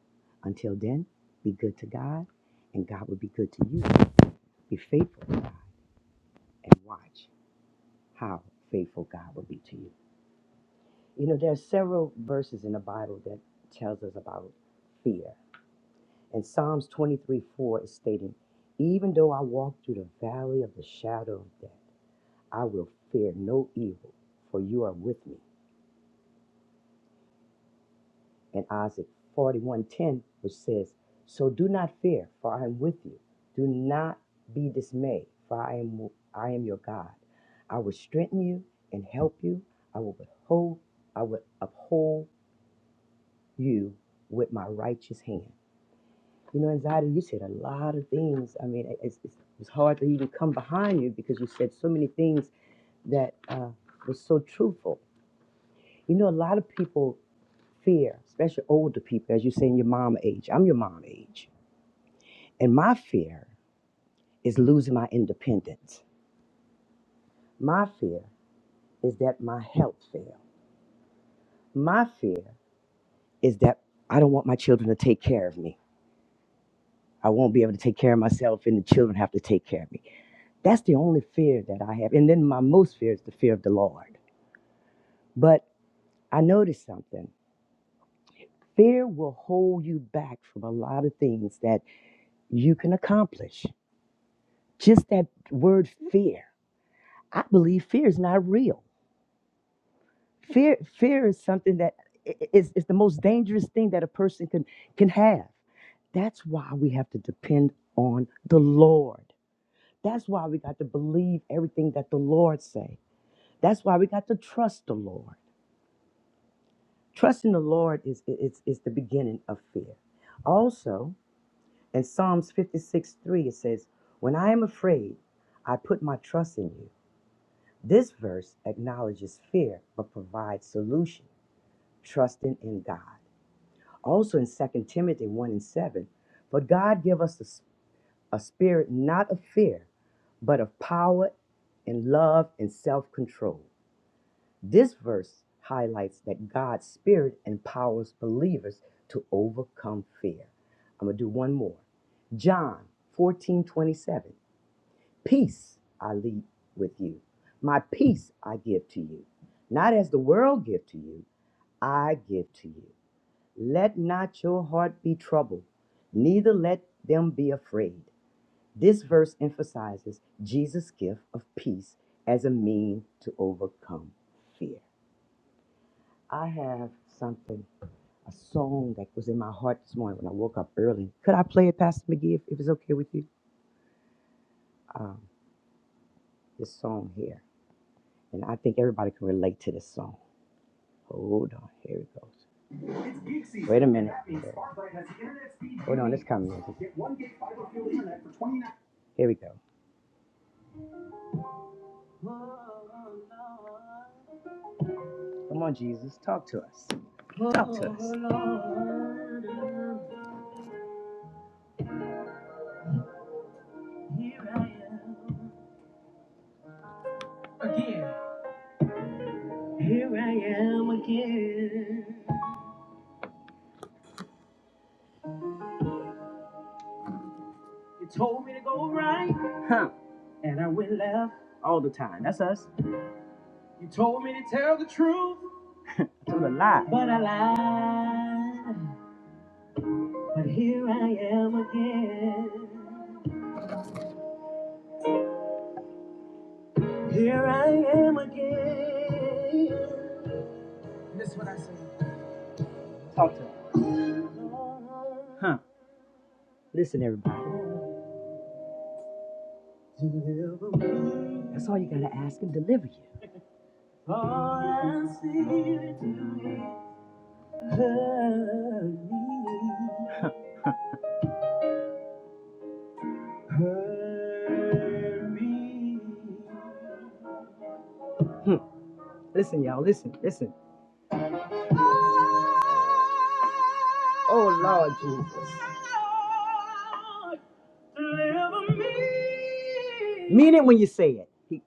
Speaker 2: Until then, be good to God, and God will be good to you. Be faithful to God, and watch how faithful God will be to you. You know, there are several verses in the Bible that tells us about fear. And Psalms 23 4 is stating, Even though I walk through the valley of the shadow of death, I will fear no evil, for you are with me. And Isaiah 41, 10, which says, So do not fear, for I am with you. Do not be dismayed, for I am, I am your God. I will strengthen you and help you. I will uphold, I will uphold you with my righteous hand. You know, anxiety, you said a lot of things. I mean, it- it's, it's, it's hard to even come behind you because you said so many things that uh, was so truthful. You know, a lot of people fear, especially older people, as you say in your mom age. I'm your mom age. And my fear is losing my independence. My fear is that my health fail. My fear is that I don't want my children to take care of me. I won't be able to take care of myself and the children have to take care of me. That's the only fear that I have. And then my most fear is the fear of the Lord. But I noticed something. Fear will hold you back from a lot of things that you can accomplish. Just that word fear. I believe fear is not real. Fear fear is something that i- is, is the most dangerous thing that a person can can have. That's why we have to depend on the Lord. That's why we got to believe everything that the Lord say. That's why we got to trust the Lord. Trust in the Lord is, is, is the beginning of fear. Also, in Psalms 56 3, it says, When I am afraid, I put my trust in you. This verse acknowledges fear but provides solution, trusting in God. Also in Second Timothy 1 and 7, For God give us a a spirit not of fear, but of power and love and self control. This verse highlights that God's Spirit empowers believers to overcome fear. I'm going to do one more. John 14 27. Peace I leave with you, my peace I give to you. Not as the world gives to you, I give to you. Let not your heart be troubled, neither let them be afraid. This verse emphasizes Jesus' gift of peace as a means to overcome fear. I have something, a song that was in my heart this morning when I woke up early. Could I play it, Pastor McGee, if, if it's okay with you? Um, this song here. And I think everybody can relate to this song. Hold on, here it goes. It's peak season. Wait a minute. That means Sparklight has the internet speed Hold you on, need. it's coming. Get one gig fiber fuel internet for 29 Here we go. Come on, Jesus, talk to us. Talk to us. Oh, here I am again. Here I am again. You told me to go right. Huh. And I went left. All the time. That's us. You told me to tell the truth. I told a lie. But I lied. But here I am again. Here I am again. This is what I say. Talk to him. Huh. Listen, everybody. Deliver me. That's all you gotta ask him, deliver you. All I see is you. Hurry, hurry. Hmm, Listen, y'all, listen, listen. Oh, Lord Jesus. deliver me. Mean it when you say it. He-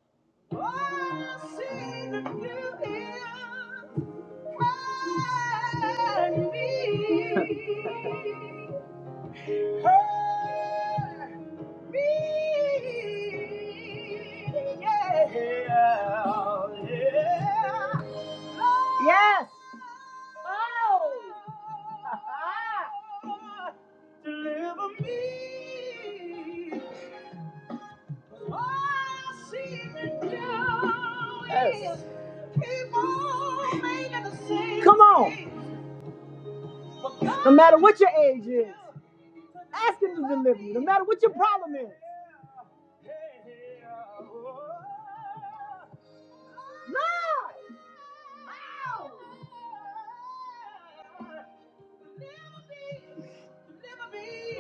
Speaker 2: Yes. Oh. Deliver me. Oh, see me now. Yes. People making the same Come on. No matter what your age is, ask Him to deliver you. No matter what your problem is.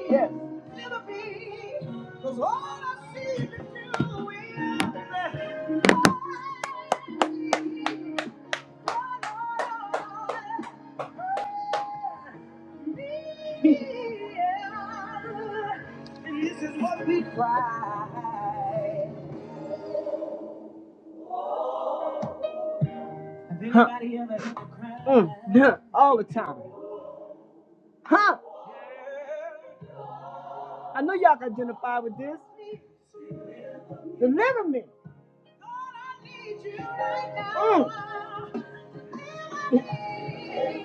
Speaker 2: Yes. Yes. Huh. Mm, yeah, all the time. Huh? I know y'all can identify with this. Deliver me. Mm.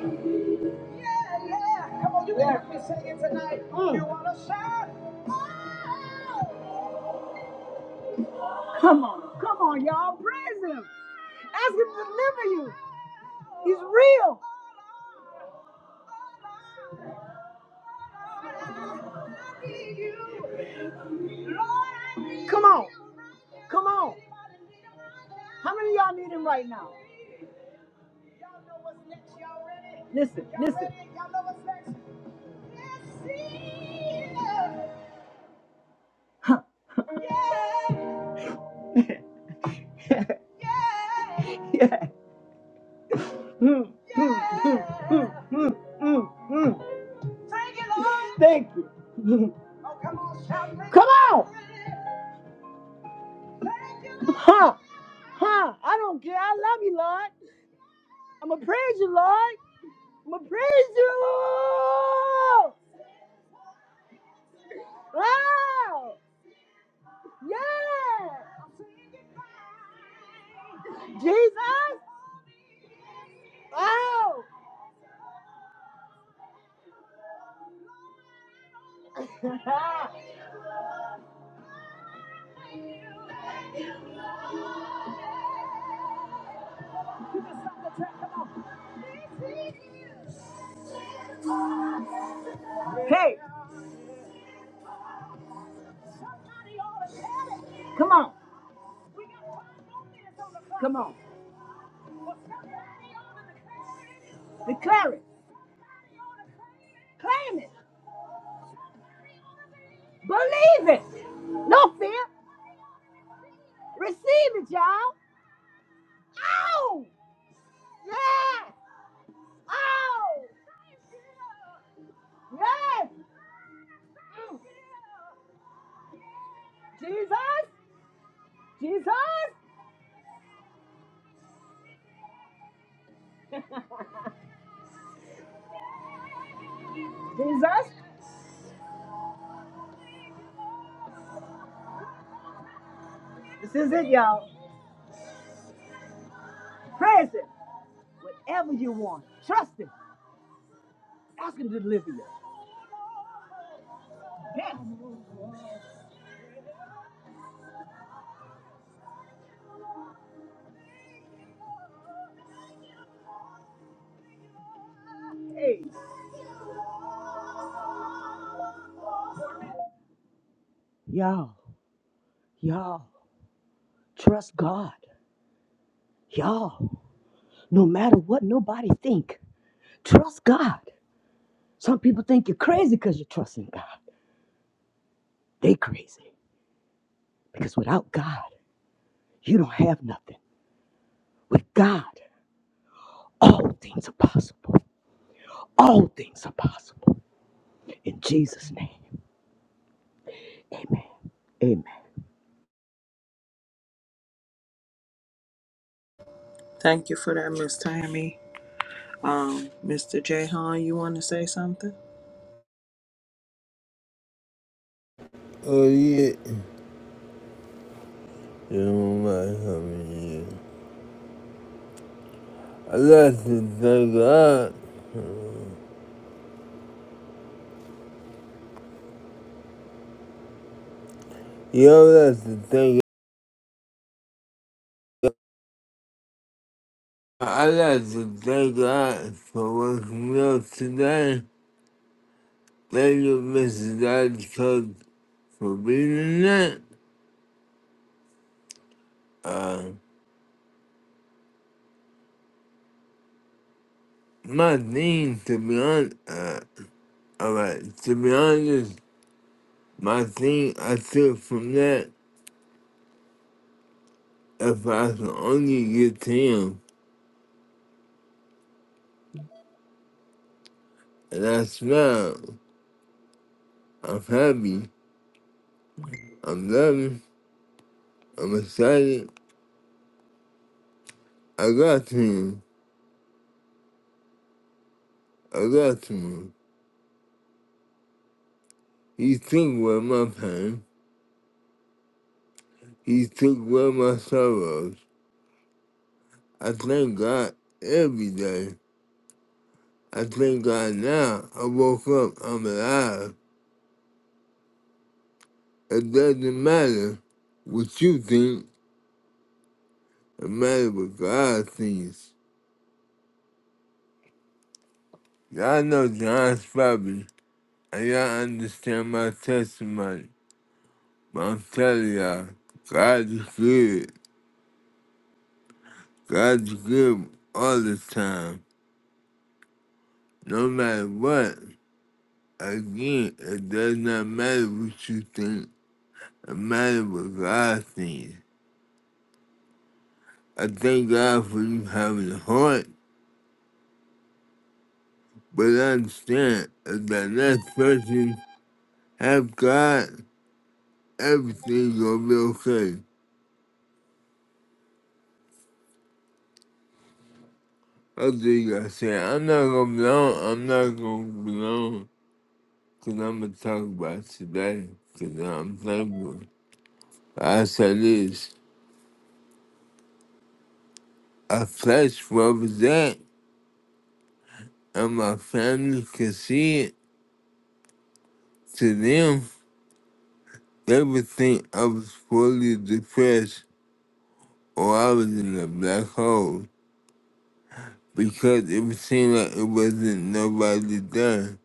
Speaker 2: Yeah, yeah. Come on, you better be singing tonight. Mm. You wanna shout? Oh. Come on, come on, y'all. Praise him. Ask him to leave. He's real. Come on. How many of y'all need him now? Listen, listen. Huh. Yeah. Yeah. Mm, mm, mm, mm, mm. Thank you, Lord. Thank you. Oh, come on, shout it. Come on. Huh, huh. I don't care. I love you, Lord. I'm going to praise you, Lord. I'm going to praise you. Wow. Yeah. Jesus. Wow. Hey. Come on. Come on. Well, declare it. claim it. Believe it. No fear. receive it, y'all. Oh! Yes! Oh! Yes! Jesus! Jesus! Jesus! This is it, y'all. Praise Him. Whatever you want, trust Him. Ask Him to deliver you. Yes. Hey, y'all, y'all. Trust God. Y'all, no matter what nobody think, trust God. Some people think you're crazy because you're trusting God. They crazy. Because without God, you don't have nothing. With God, all things are possible. All things are possible. In Jesus' name. Amen. Amen.
Speaker 3: Thank you for that, Miss Tammy. Um, Mr. J. you want to say something?
Speaker 4: Oh yeah. You my homie. I like to thank God. Y'all like to thank God. I like to thank God for waking up today. Thank you, Mrs. Dodge Cook, for being that. Uh, my thing, to be honest, uh, alright, to be honest. My thing I took from that, if I can only get to him, and I smile, I'm happy, I'm loving, I'm excited, I got to him, I got to him. He took away my pain, he took away my sorrows. I thank God every day. I thank God now I woke up, I'm alive. It doesn't matter what you think, it matters what God thinks. Y'all know John's probably. I y'all understand my testimony. But I'm telling y'all, God is good. God's good all the time. No matter what. Again, it does not matter what you think. It matters what God thinks. I thank God for you having a heart. But I understand if that next person have God, everything's gonna be okay. I think I said, I'm not gonna belong, I'm not gonna belong. 'cause I'm going to talk about today, 'cause I'm thankful. I say this I flesh represent, and my family could see it. To them, they would think I was fully depressed or I was in a black hole because it would seem like it wasn't nobody there.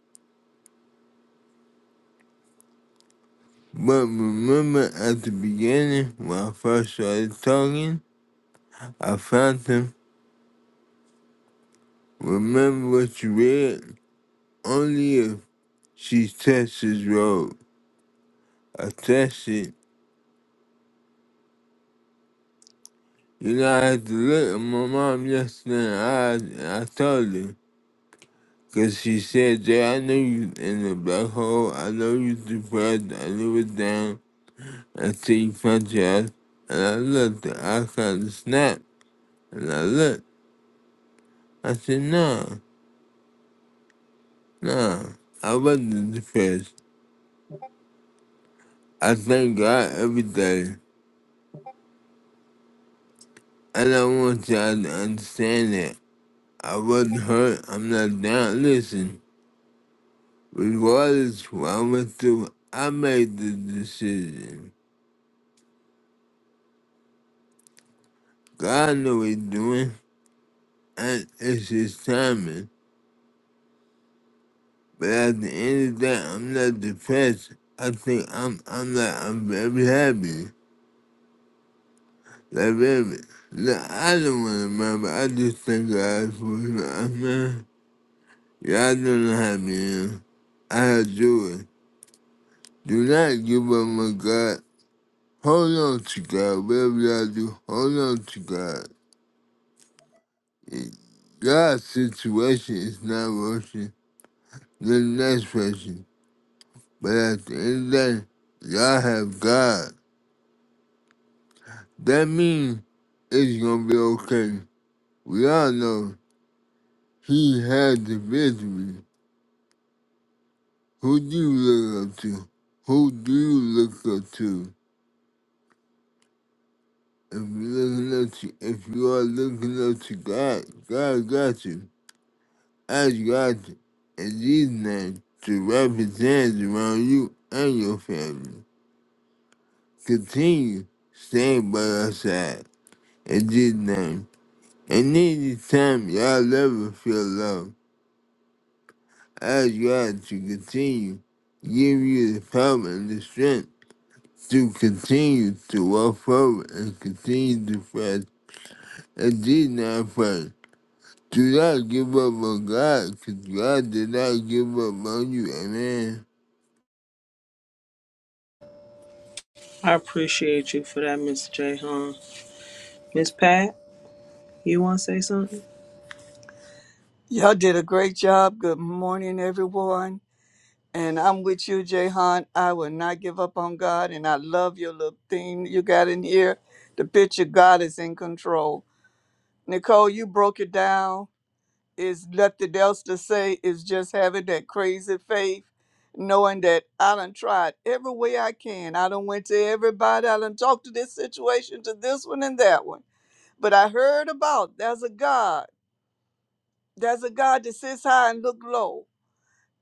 Speaker 4: But remember at the beginning when I first started talking, I found them. Remember what you read? Only if She Texas road. I texted. You know, I had to look at my mom yesterday I I told her. Because she said, Jay, I know you in the black hole. I know you depressed. I knew it down. I see you punch your ass. And I looked. I The icon snap. And I looked. I said, no, no. I wasn't depressed. I thank God every day. And I want y'all to understand that. I wasn't hurt. I'm not down. Listen. Regardless of what I went through, I made the decision. God knew what he's doing, and it's his timing. But at the end of the day, I'm not depressed. I think I'm I'm not I'm very happy. Like very no, I don't wanna remember, I just thank God for it. I mean, y'all don't know how me am. I have do it. Do not give up on God. Hold on to God, whatever y'all do, hold on to God. If God's situation is not working. The next person. But at the end of the day, y'all have God. That means it's gonna be okay. We all know He had the victory. Who do you look up to? Who do you look up to? If you looking up to, if you are looking up to God, God got you. I got you. In Jesus' name, to represent around you and your family. continue staying by our side. In Jesus' name. And any time y'all ever feel love, ask God to continue, give you the power and the strength to continue to walk forward and continue to fight. And Jesus' name, first. Do not give up on God, because God did not give up on you. Amen.
Speaker 3: I appreciate you for that, Mr. J. Miss Pat? You want to say something?
Speaker 5: Y'all did a great job. Good morning, everyone. And I'm with you, Jehan. I will not give up on God. And I love your little theme you got in here. The picture God is in control. Nicole, you broke it down. Is nothing else to say. Is just having that crazy faith, knowing that I done tried every way I can. I done went to everybody. I done talked to this situation, to this one and that one. But I heard about there's a God. There's a God that sits high and look low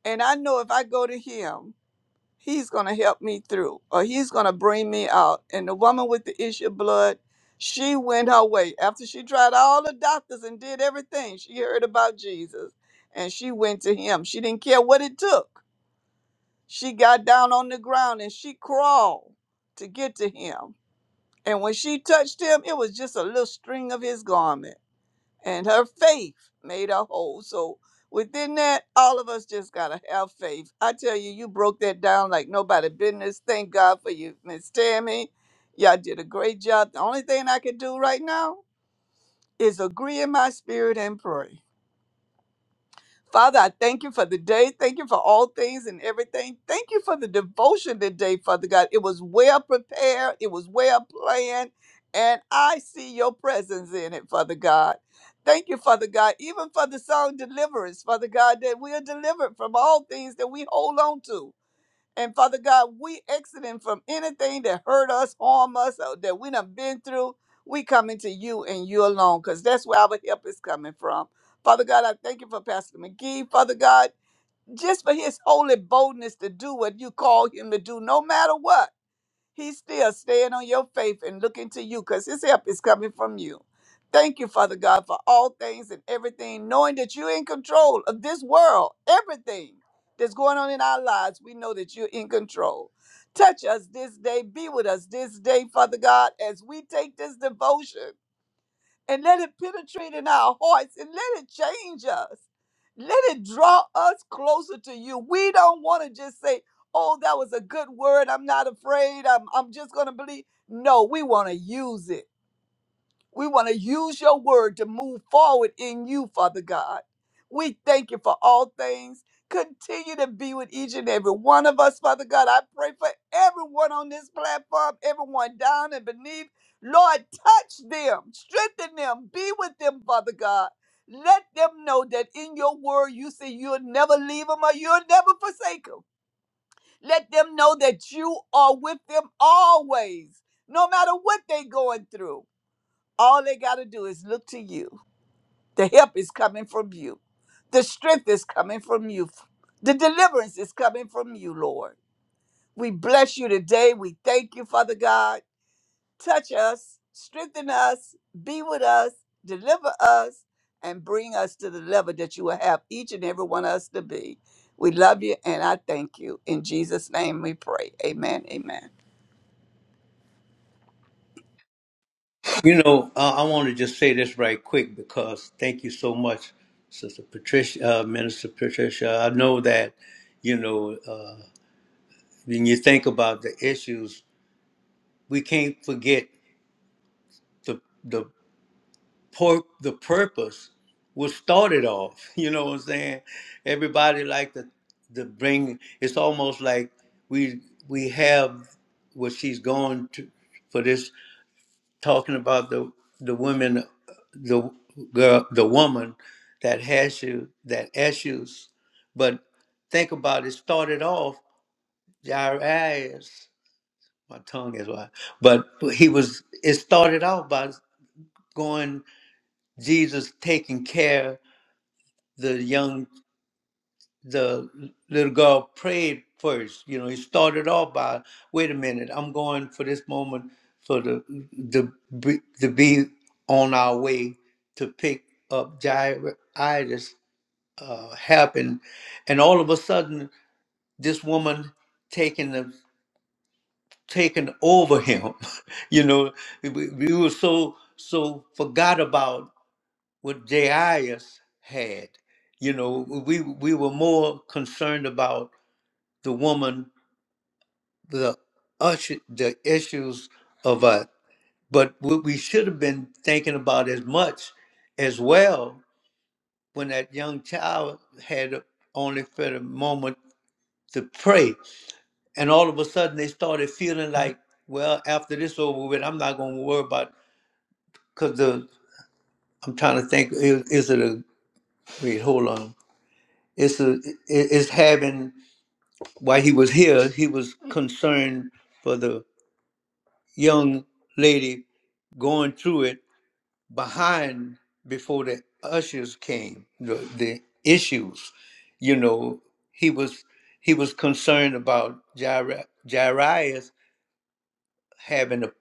Speaker 5: And I know if I go to him, he's going to help me through or he's going to bring me out. And the woman with the issue of blood, she went her way. After she tried all the doctors and did everything, she heard about Jesus and she went to him. She didn't care what it took. She got down on the ground and she crawled to get to him. And when she touched him, it was just a little string of his garment and her faith made her whole. So within that, all of us just gotta have faith. I tell you, you broke that down like nobody business. Thank God for you, Miss Tammy. Y'all did a great job. The only thing I can do right now is agree in my spirit and pray. Father, I thank you for the day. Thank you for all things and everything. Thank you for the devotion today, Father God. It was well prepared, it was well planned, and I see your presence in it, Father God. Thank you, Father God, even for the song deliverance, Father God, that we are delivered from all things that we hold on to. And Father God, we exiting from anything that hurt us, harm us, or that we done been through. We coming to you and you alone, because that's where our help is coming from. Father God, I thank you for Pastor McGee. Father God, just for his holy boldness to do what you call him to do, no matter what. He's still staying on your faith and looking to you because his help is coming from you. Thank you, Father God, for all things and everything, knowing that you're in control of this world, everything that's going on in our lives. We know that you're in control. Touch us this day, be with us this day, Father God, as we take this devotion and let it penetrate in our hearts and let it change us. Let it draw us closer to you. We don't want to just say, oh, that was a good word. I'm not afraid. I'm, I'm just going to believe. No, we want to use it. We want to use your word to move forward in you, Father God. We thank you for all things. Continue to be with each and every one of us, Father God. I pray for everyone on this platform, everyone down and beneath. Lord, touch them, strengthen them, be with them, Father God. Let them know that in your word you say you'll never leave them or you'll never forsake them. Let them know that you are with them always, no matter what they're going through. All they got to do is look to you. The help is coming from you. The strength is coming from you. The deliverance is coming from you, Lord. We bless you today. We thank you, Father God. Touch us, strengthen us, be with us, deliver us, and bring us to the level that you will have each and every one of us to be. We love you and I thank you. In Jesus' name we pray. Amen. Amen.
Speaker 1: You know, uh, I want to just say this right quick because thank you so much, Sister Patricia, uh, Minister Patricia. I know that, you know, uh, when you think about the issues, we can't forget the the por- the purpose was started off. You know what I'm saying? Everybody like to to bring. It's almost like we we have what she's going to for this. talking about the the women, the girl, the woman that has you that issues. But think about it. Started off Jairus. My tongue is wide, but he was. It started off by going Jesus taking care the young the little girl prayed first. You know, he started off by, "Wait a minute, I'm going for this moment for the the be- to be on our way to pick up Jairus." Uh, happened, and all of a sudden, this woman taking the taking over him. you know, we, we were so so forgot about what Jairus had. You know, we we were more concerned about the woman the usher, the issues of us. But what we should have been thinking about as much as well when that young child had only for the moment to pray. And all of a sudden they started feeling like, well, after this over with, I'm not gonna worry about because the I'm trying to think is, is it a wait, hold on. It's a it- it's having while he was here, he was concerned for the. young lady going through it behind before the ushers came the, the issues you know he was he was concerned about Jair- jairus having a,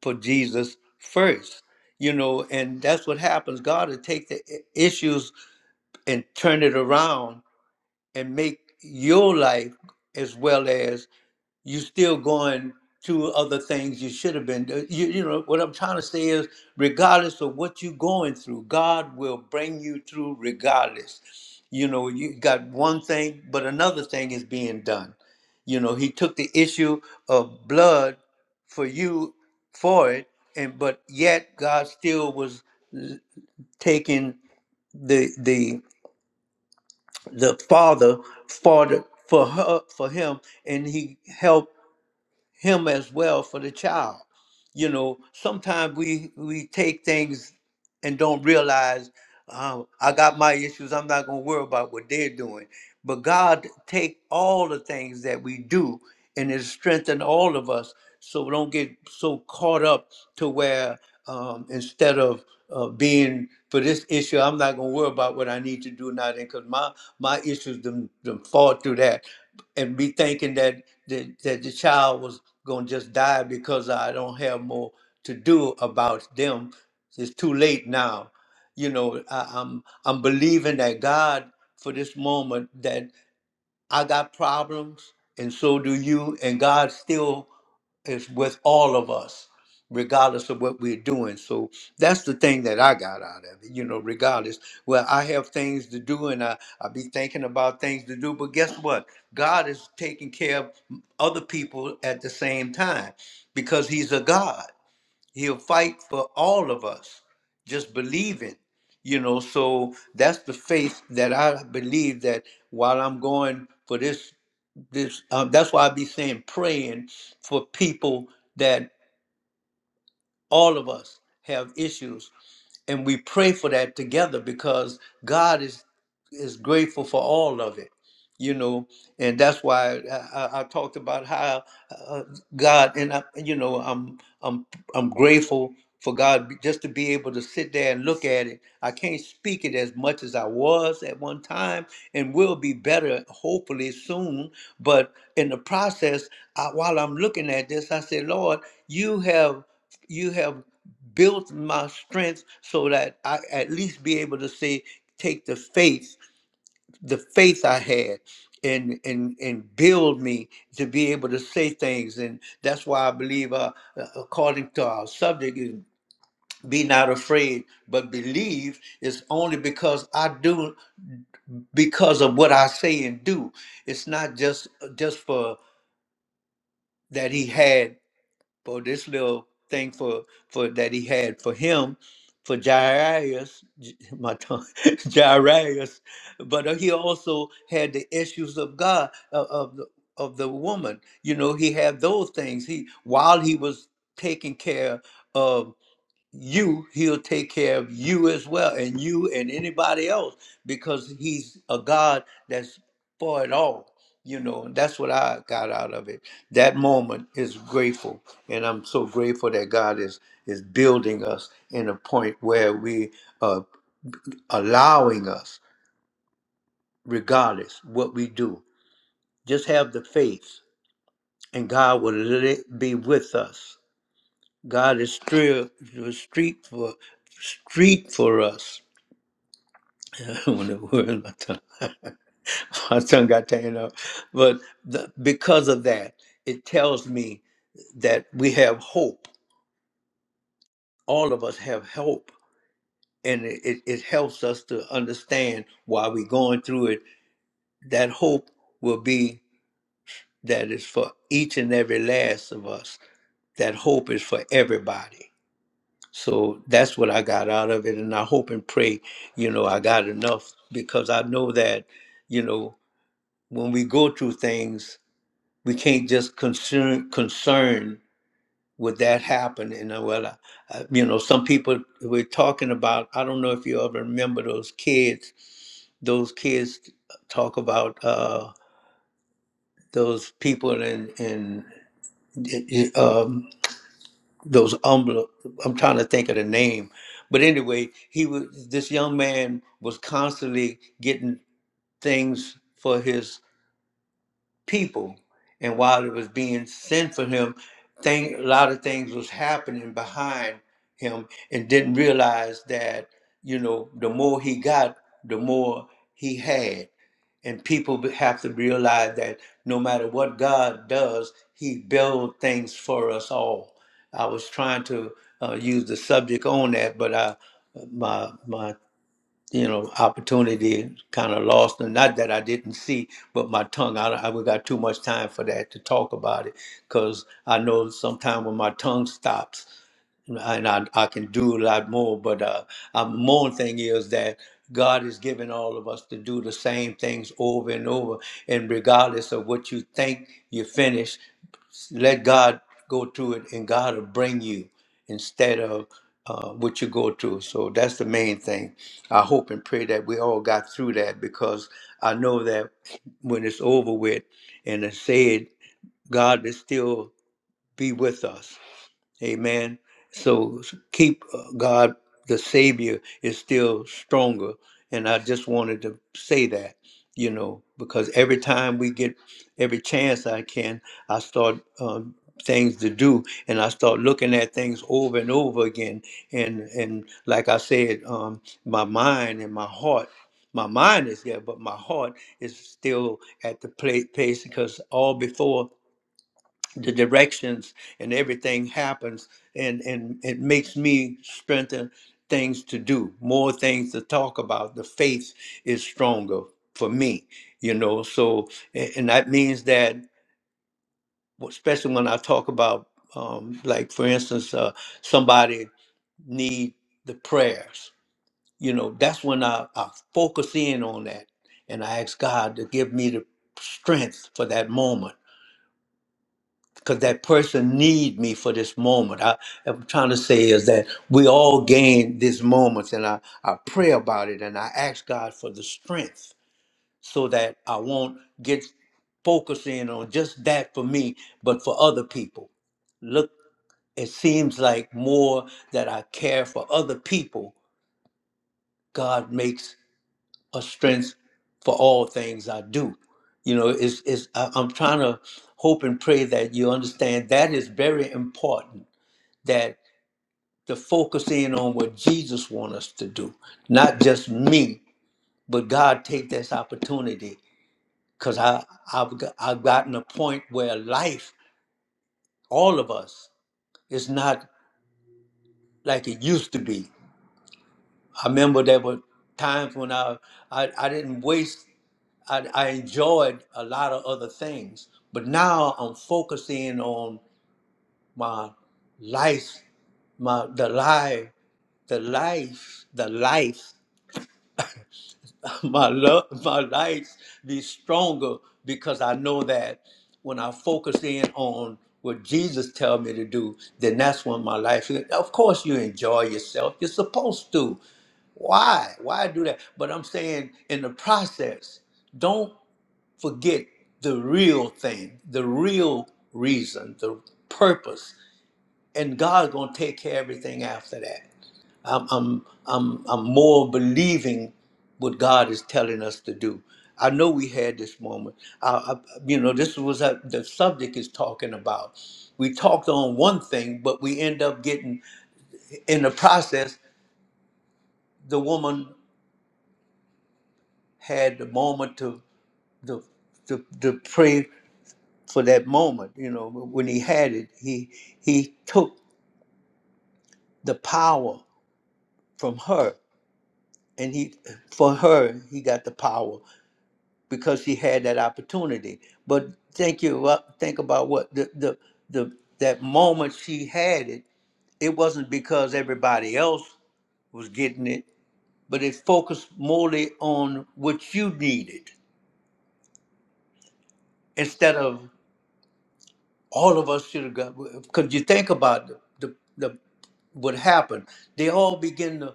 Speaker 1: for jesus first you know and that's what happens god will take the i- issues and turn it around and make your life as well as you're still going to other things you should have been do- you, you know what i'm trying to say is regardless of what you're going through god will bring you through regardless you know you got one thing but another thing is being done you know he took the issue of blood for you for it and but yet god still was l- taking the the the father for the, for her for him and he helped him as well for the child. You know, sometimes we we take things and don't realize um, I got my issues. I'm not gonna worry about what they're doing. But God take all the things that we do and it strengthen all of us. So we don't get so caught up to where um, instead of uh, being for this issue, I'm not gonna worry about what I need to do now. Then, cause my my issues them, them fall through that and be thinking that that, that the child was gonna just die because I don't have more to do about them. It's too late now. You know, I, I'm I'm believing that God for this moment that. I got problems, and so do you. And God still is with all of us, regardless of what we're doing. So that's the thing that I got out of it, you know, regardless. Well, I have things to do and I, I be thinking about things to do, but guess what? God is taking care of other people at the same time because He's a God. He'll fight for all of us. Just believing, you know. So that's the faith that I believe that while I'm going for this, this um, that's why I be saying praying for people that. All of us have issues, and we pray for that together because God is is grateful for all of it, you know. And that's why I, I, I talked about how uh, God and I, you know I'm I'm I'm grateful for God just to be able to sit there and look at it. I can't speak it as much as I was at one time, and will be better hopefully soon. But in the process, I, while I'm looking at this, I say, Lord, you have you have built my strength so that I at least be able to say, take the faith, the faith I had. And, and and build me to be able to say things and that's why i believe uh, uh, according to our subject is be not afraid but believe is only because i do because of what i say and do it's not just uh, just for that he had for this little thing for for that he had for him for Jairus, J- my tongue, Jairus, but uh, he also had the issues of God of, of the of the woman. You know, he had those things. He while he was taking care of you, he'll take care of you as well, and you and anybody else, because he's a God that's for it all. You know, and that's what I got out of it. That moment is grateful, and I'm so grateful that God is is building us in a point where we are allowing us, regardless what we do, just have the faith, and God will let it be with us. God is still the street for street for us when the word my tongue, my tongue got taken up. But the, because of that, it tells me that we have hope. All of us have hope, and it, it, it helps us to understand why we're going through it. That hope will be that is for each and every last of us. That hope is for everybody. So that's what I got out of it, and I hope and pray, you know, I got enough because I know that, you know. when we go through things, we can't just concern concern with that happening. And well, I, you know, some people we're talking about. I don't know if you ever remember those kids. Those kids talk about uh, those people in in um, those umble. I'm trying to think of the name, but anyway, he was this young man was constantly getting things for his people. And while it was being sent for him, thing, a lot of things was happening behind him and didn't realize that, you know, the more he got, the more he had. And people be- have to realize that no matter what God does, he builds things for us all. I was trying to uh, use the subject on that, but I, uh, my my you know, opportunity kind of lost. And not that I didn't see, but my tongue, I, I we got too much time for that to talk about it because I know sometimes when my tongue stops and I, I can do a lot more. But uh, a more thing is that God is giving all of us to do the same things over and over, and regardless of what you think you finish, let God go through it, and God will bring you instead of. Uh, what you go through. So that's the main thing. I hope and pray that we all got through that because I know that when it's over with and it's said, God will still be with us Amen. So s- keep uh, God, the Savior, is still stronger. And I just wanted to say that, you know, because every time we get every chance I can, I start um, things to do, and I start looking at things over and over again. And and like I said, um, my mind and my heart. My mind is there, but my heart is still at the pla- place because all before the directions and everything happens and and it makes me strengthen things to do more things to talk about the faith is stronger for me you know so a- and that means that especially when i talk about um, like for instance uh, somebody need the prayers you know that's when I, I focus in on that and i ask god to give me the strength for that moment because that person need me for this moment. I, I'm trying to say is that we all gain these moments, and I, I pray about it, and I ask God for the strength so that I won't get focused in on just that for me, but for other people. Look, it seems like more that I care for other people, God makes a strength for all things I do. You know, it's, it's I, I'm trying to hope and pray that you understand that is very important that to focus in on what Jesus wants us to do, not just me, but God take this opportunity because I I've got, I've gotten a point where life, all of us, is not like it used to be. I remember there were times when I I, I didn't waste. I, I enjoyed a lot of other things, but now I'm focusing on my life, my the life, the life, the life. my love, my lights be stronger because I know that when I focus in on what Jesus tell me to do, then that's when my life. Of course, you enjoy yourself. You're supposed to. Why? Why do that? But I'm saying in the process, don't forget the real thing, the real reason, the purpose, and God's gonna take care of everything after that. I'm, I'm, I'm, I'm more believing what God is telling us to do. I know we had this moment. I, I, you know, this was a, the subject is talking about. We talked on one thing, but we end up getting in the process. The woman had the moment to to to, to pray for that moment. You know, when he had it, he he took the power from her, and he for her he got the power. because she had that opportunity. But think you up, think about what the the the that moment she had it. It wasn't because everybody else was getting it, but it focused morely on what you needed instead of all of us should have got. Because you think about the, the the what happened, they all begin to.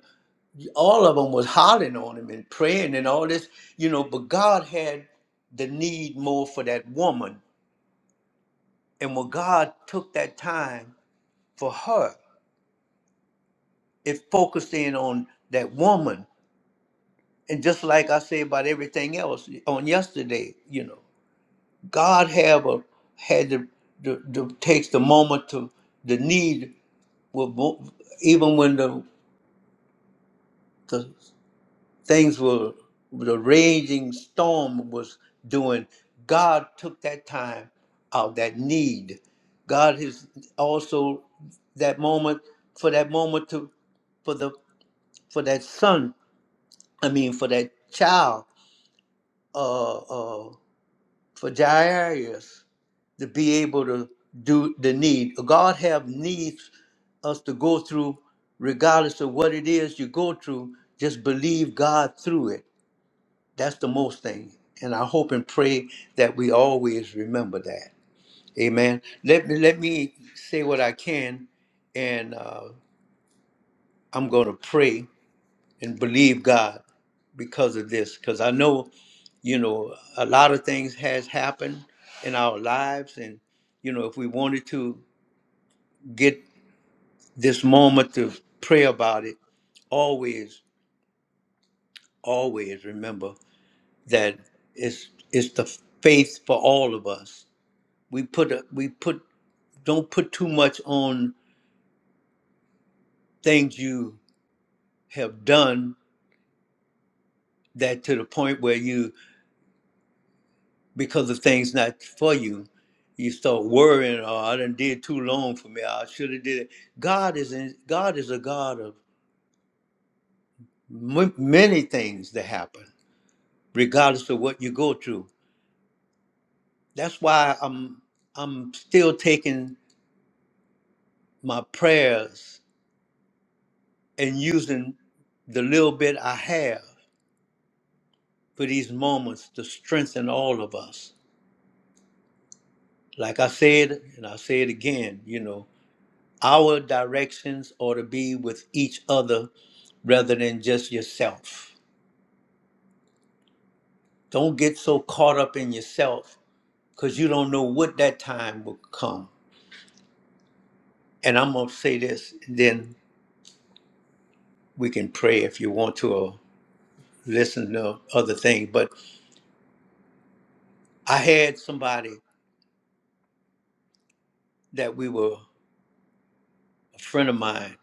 Speaker 1: All of them was hollering on him and praying and all this, you know. But God had the need more for that woman And when God took that time for her, it focused in on that woman. And just like I say about everything else on yesterday, you know, God have a had the, the, the takes the moment to the need with even when the, the things were the raging storm was doing god took that time out that need god has also that moment for that moment to for the for that son i mean for that child uh uh for jairus to be able to do the need god have needs us to go through regardless of what it is you go through just believe god through it That's the most thing. And I hope and pray that we always remember that. Amen. Let me let me say what I can, and uh, I'm going to pray and believe God because of this, because I know, you know, a lot of things has happened in our lives, and you know, if we wanted to get this moment to pray about it, always, always remember that it's it's the faith for all of us we put a- we put don't put too much on things you have done that to the point where you because of things not for you you start worrying oh i done did too long for me i should have did it god is in, god is a god of m- many things that happen regardless of what you go through that's why i'm i'm still taking my prayers and using the little bit i have for these moments to strengthen all of us Like I said, and I'll say it again, you know, our directions ought to be with each other rather than just yourself. Don't get so caught up in yourself because you don't know what that time will come. And I'm going to say this, and then we can pray if you want to or listen to other things. But I had somebody that we were a friend of mine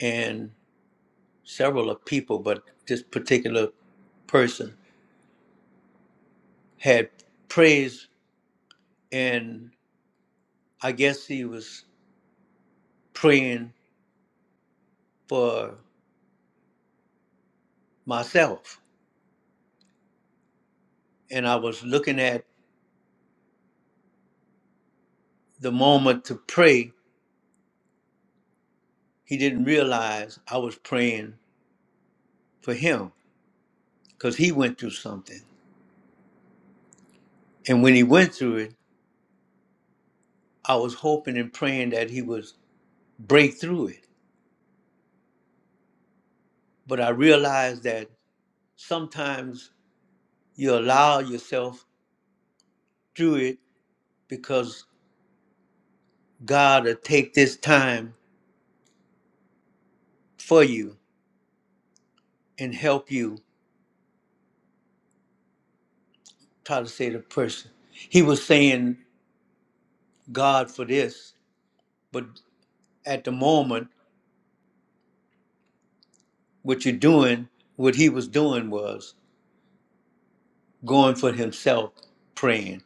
Speaker 1: and several of people, but this particular person had praised. and I guess he was praying for myself. And I was looking at the moment to pray. He didn't realize I was praying for him because he went through something. And when he went through it, I was hoping and praying that he would break through it. But I realized that sometimes you allow yourself through it because God will take this time for you and help you try to save the person. He was saying God for this, but at the moment, what you're doing, what he was doing was going for himself, praying.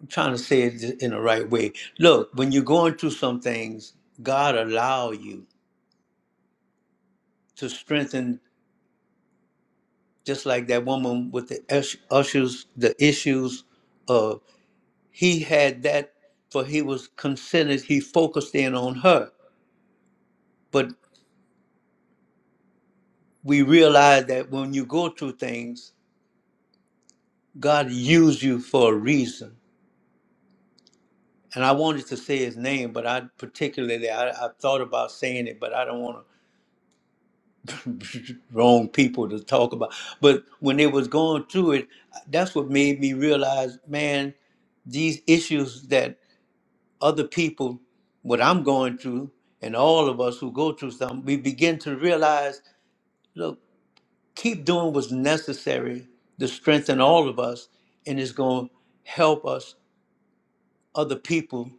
Speaker 1: I'm trying to say it in the right way. Look, when you're going through some things, God allow you to strengthen, just like that woman with the ish- issues, the issues of he had that, for he was considered, he focused in on her. But we realize that when you go through things, God used you for a reason and I wanted to say his name, but I particularly I, I thought about saying it, but I don't want to wrong people to talk about. But when they was going through it, that's what made me realize, man, these issues that other people, what I'm going through, and all of us who go through something, we begin to realize, look, keep doing what's necessary to strengthen all of us, and it's going to help us, other people,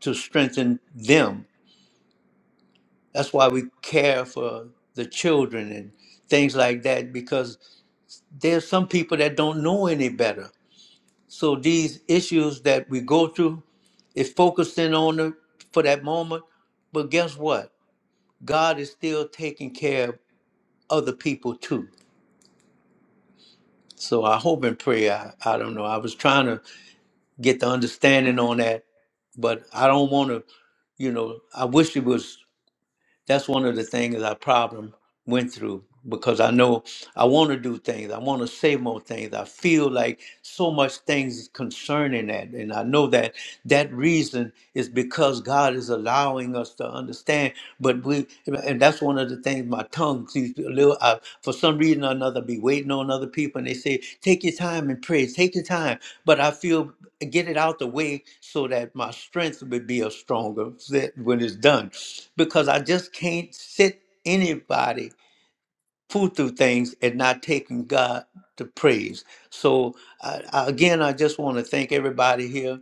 Speaker 1: to strengthen them That's why we care for the children and things like that because there's some people that don't know any better. So these issues that we go through is focusing on them for that moment. But guess what? God is still taking care of other people too. So I hope and pray. I, I don't know. I was trying to get the understanding on that, but I don't want to, you know, I wish it was That's one of the things I problem went through because I know I want to do things. I want to say more things. I feel like so much things concerning that. And I know that that reason is because God is allowing us to understand. But we, and that's one of the things my tongue sees a little, I, for some reason or another, be waiting on other people. And they say, take your time and pray, take your time. But I feel get it out the way so that my strength would be a stronger fit when it's done because i just can't sit anybody pull through things and not taking god to praise so I, I, again i just want to thank everybody here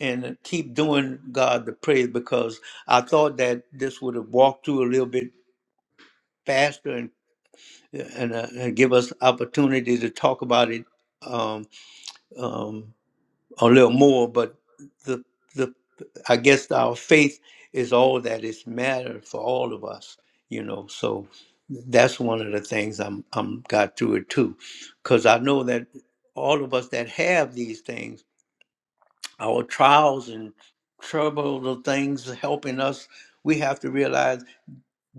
Speaker 1: and keep doing god the praise because i thought that this would have walked through a little bit faster and and, uh, and give us opportunity to talk about it um, um, a little more, but the the I guess our faith is all that is matter for all of us, you know. So that's one of the things I'm I'm got through it too, because I know that all of us that have these things, our trials and trouble, the things helping us, we have to realize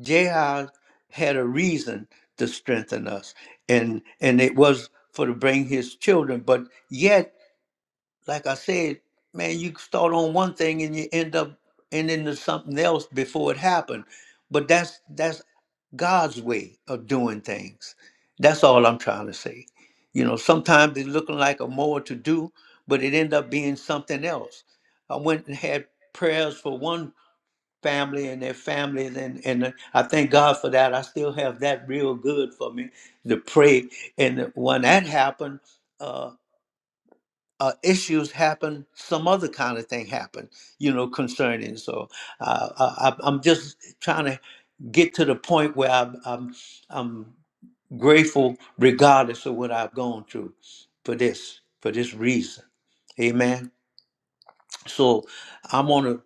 Speaker 1: Jai had a reason to strengthen us, and and it was for to bring his children, but yet like I said, man, you start on one thing and you end up ending to something else before it happened. But that's that's God's way of doing things. That's all I'm trying to say. You know, sometimes it's looking like a more to do, but it end up being something else. I went and had prayers for one family and their families, and and I thank God for that. I still have that real good for me to pray. And when that happened. uh, uh, issues happen, some other kind of thing happen, you know, concerning. So uh, I, I- I'm just trying to get to the point where I'm, I'm, I'm grateful, regardless of what I've gone through, for this, for this reason. Amen. So I want to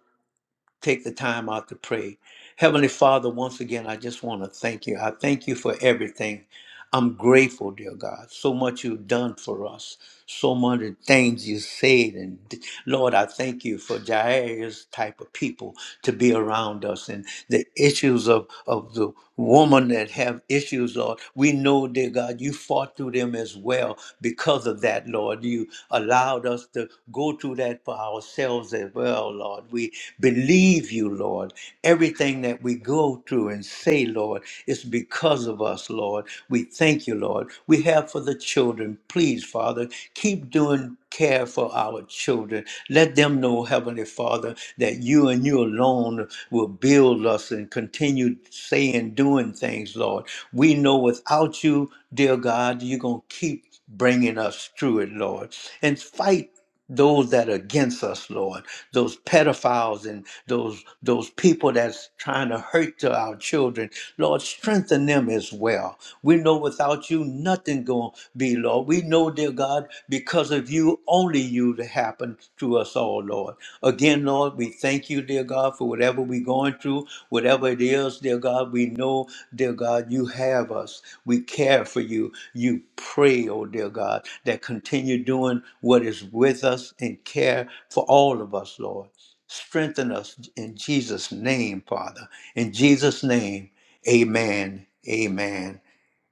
Speaker 1: take the time out to pray. Heavenly Father, once again, I just want to thank you. I thank you for everything. I'm grateful, dear God, so much you've done for us so many things you said. And Lord, I thank you for Jairus type of people to be around us and the issues of, of the woman that have issues, Lord. We know, dear God, you fought through them as well because of that, Lord. You allowed us to go through that for ourselves as well, Lord. We believe you, Lord. Everything that we go through, through and say, Lord, it's because of us, Lord. We thank you, Lord. We have for the children. Please, Father, keep doing care for our children. Let them know, Heavenly Father, that you and you alone will build us and continue saying, doing things, Lord. We know without you, dear God, you're going to keep bringing us through it, Lord. And fight those that are against us, Lord, those pedophiles and those those people that's trying to hurt to our children, Lord, strengthen them as well. We know without you nothing gonna be, Lord. We know, dear God, because of you, only you to happen to us, Oh, Lord. Again, Lord, we thank you, dear God, for whatever we're going through, whatever it is, dear God, we know, dear God, you have us. We care for you. You pray, oh, dear God, that continue doing what is with us and care for all of us, Lord. Strengthen us in Jesus' name, Father. In Jesus' name, amen, amen,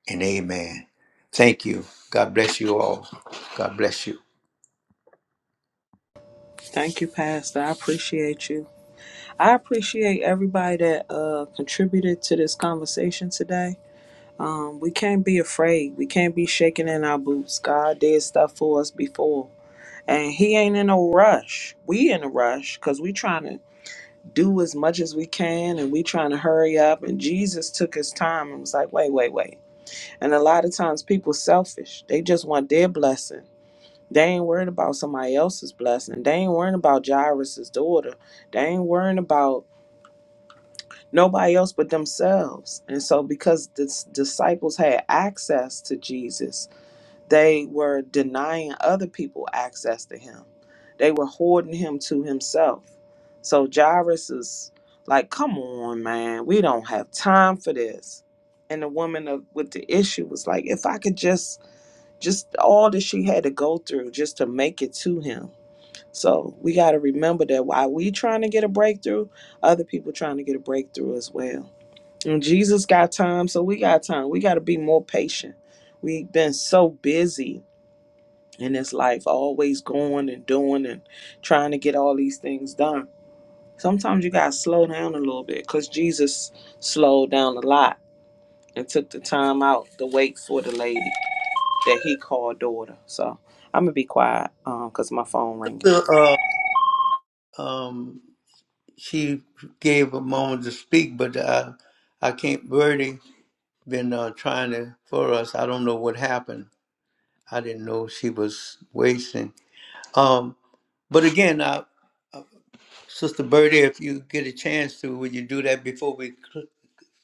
Speaker 1: and amen. Thank you. God bless you all. God bless you.
Speaker 3: Thank you, Pastor. I appreciate you. I appreciate everybody that uh, contributed to this conversation today. Um, we can't be afraid. We can't be shaking in our boots. God did stuff for us before, and He ain't in no rush. We in a rush because we trying to do as much as we can, and we trying to hurry up. And Jesus took His time and was like, "Wait, wait, wait." And a lot of times people selfish. They just want their blessing They ain't worrying about somebody else's blessing. They ain't worrying about Jairus's daughter. They ain't worrying about nobody else but themselves. And so, because the s- disciples had access to Jesus, they were denying other people access to him. They were hoarding him to himself. So, Jairus is like, come on, man, we don't have time for this. And the woman of, with the issue was like, if I could just, just all that she had to go through just to make it to him so we got to remember that while we trying to get a breakthrough, other people trying to get a breakthrough as well. And Jesus got time, so we got time. We got to be more patient. We've been so busy in this life, always going and doing and trying to get all these things done. Sometimes you got to slow down a little bit because Jesus slowed down a lot and took the time out to wait for the lady that he called daughter. So I'm going to be quiet because my phone ringing.
Speaker 1: Uh, um, she gave a moment to speak, but I, I can't. Birdie been uh, trying to for us. I don't know what happened. I didn't know she was wasting. Um, but again, I, uh, Sister Birdie, if you get a chance to, would you do that before we cl-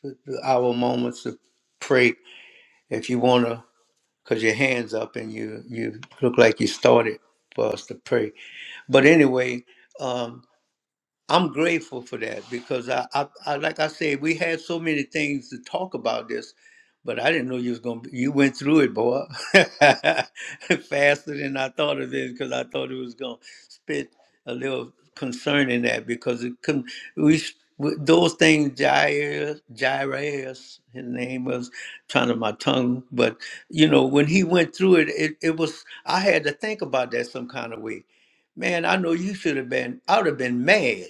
Speaker 1: cl- our moments of pray? If you wanna, cause your hands up and you you look like you started for us to pray. But anyway. um. I'm grateful for that because I, I, I like I said, we had so many things to talk about this, but I didn't know you was gonna. Be, you went through it, boy, faster than I thought it is because I thought it was gonna spit a little concern in that because it couldn't. We s- with those things, Jair, Jairus, his name was trying to my tongue, but you know when he went through it, it, it was I had to think about that some kind of way man, I know you should have been, I would have been mad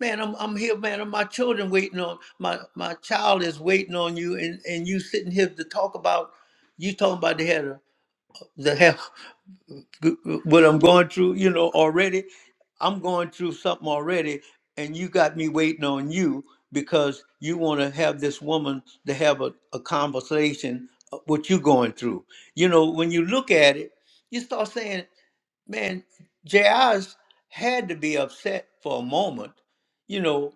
Speaker 1: man, I'm I'm here, man, and my children waiting on my my child is waiting on you, and and you sitting here to talk about you talking about the header, the hell what I'm going through, you know, already. I'm going through something already, and you got me waiting on you because you want to have this woman to have a, a conversation of what you're going through. You know, when you look at it, you start saying, man, J. J.I.'s had to be upset for a moment, you know,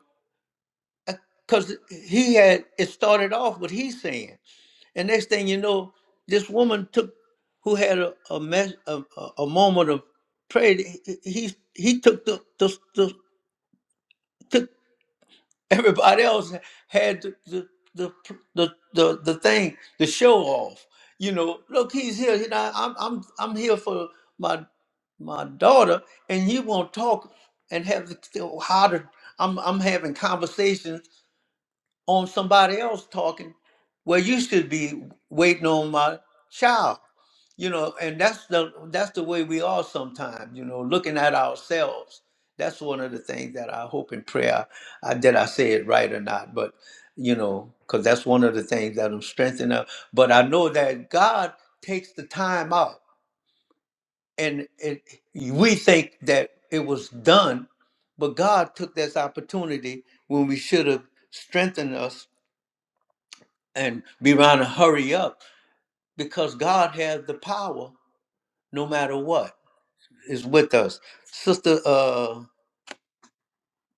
Speaker 1: because he had it started off what he's saying and next thing you know this woman took who had a a, mess, a, a a moment of prayer he he, he took the, the, the took everybody else had the the, the the the the thing the show off you know look he's here you know i'm i'm i'm here for my my daughter and you won't talk and have the, how to i'm i'm having conversations on somebody else talking well, you should be waiting on my child you know and that's the that's the way we are sometimes you know looking at ourselves that's one of the things that i hope and pray i, I did i say it right or not but you know because that's one of the things that i'm strengthening up but i know that god takes the time out and it, we think that it was done but god took this opportunity when we should have strengthened us and be around to hurry up because God has the power no matter what is with us. Sister uh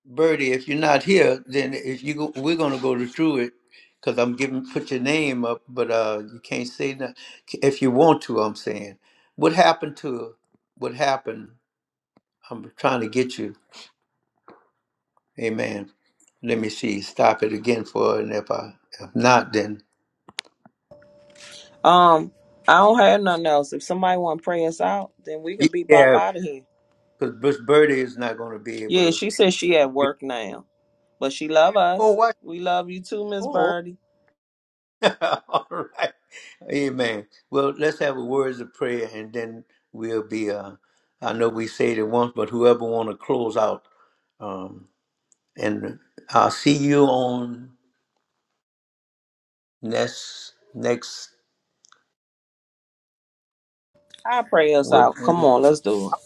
Speaker 1: Birdie, if you're not here, then if you go, we're gonna go through it because I'm giving put your name up, but uh you can't say that if you want to, I'm saying. What happened to what happened? I'm trying to get you. Amen. Let me see. Stop it again for her, and if I if not then
Speaker 3: Um, I don't have nothing else. If somebody want to pray us out, then we can be bop
Speaker 1: yeah,
Speaker 3: out of here.
Speaker 1: because Birdie is not gonna be able
Speaker 3: Yeah,
Speaker 1: to
Speaker 3: she says she at
Speaker 1: get.
Speaker 3: work now, but she love
Speaker 1: Oh,
Speaker 3: us.
Speaker 1: why
Speaker 3: We love you too, Miss
Speaker 1: Oh.
Speaker 3: Birdie.
Speaker 1: All right. Amen. Well, let's have a words of prayer and then we'll be uh I know we said it once, but whoever wanna close out, um and I'll see you on next next
Speaker 3: I pray us
Speaker 1: what
Speaker 3: out. Come on, let's do it.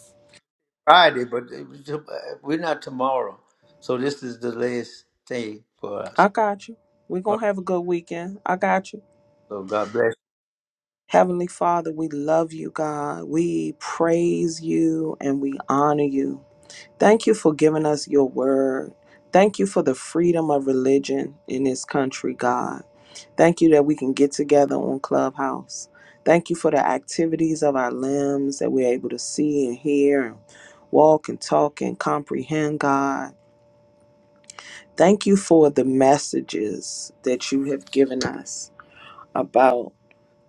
Speaker 1: Friday, but it was to- uh, we're not tomorrow. So this is the last day for us.
Speaker 3: I got you. we gonna have a good weekend. I got you.
Speaker 1: So God bless.
Speaker 3: Heavenly Father, we love you, God. We praise you and we honor you. Thank you for giving us your word. Thank you for the freedom of religion in this country, God. Thank you that we can get together on Clubhouse. Thank you for the activities of our limbs that we're able to see and hear and walk and talk and comprehend, God. Thank you for the messages that you have given us about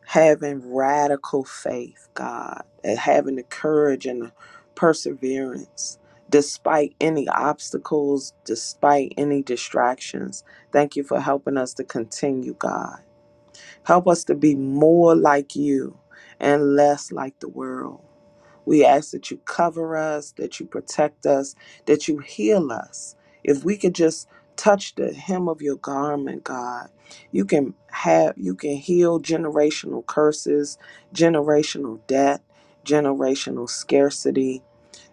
Speaker 3: having radical faith, God, and having the courage and the perseverance despite any obstacles, despite any distractions. Thank you for helping us to continue, God. Help us to be more like you and less like the world. We ask that you cover us, that you protect us, that you heal us. If we could just touch the hem of your garment, God, you can have you can heal generational curses, generational debt, generational scarcity,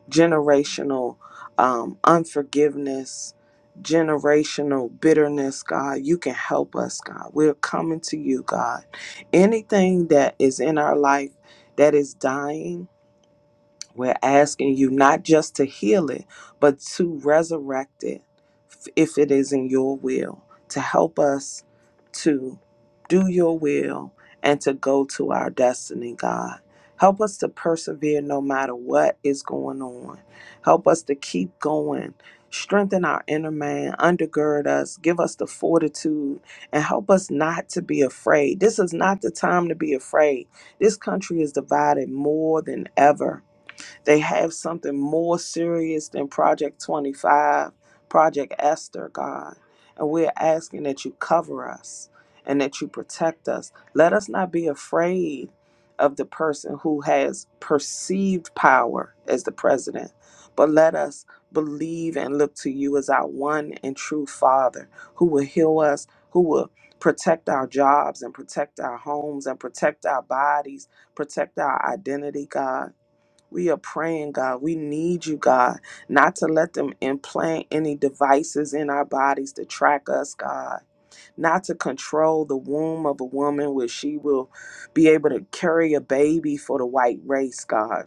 Speaker 3: generational um, unforgiveness, generational bitterness, God. You can help us, God. We're coming to you, God. Anything that is in our life that is dying we're asking you not just to heal it, but to resurrect it f- if it is in your will, to help us to do your will and to go to our destiny, God. Help us to persevere no matter what is going on. Help us to keep going. Strengthen our inner man, undergird us, give us the fortitude, and help us not to be afraid. This is not the time to be afraid. This country is divided more than ever they have something more serious than Project 25, Project Esther, God. And we're asking that you cover us and that you protect us. Let us not be afraid of the person who has perceived power as the president, but let us believe and look to you as our one and true Father who will heal us, who will protect our jobs and protect our homes and protect our bodies, protect our identity, God. We are praying, God. We need you, God, not to let them implant any devices in our bodies to track us, God, not to control the womb of a woman where she will be able to carry a baby for the white race, God.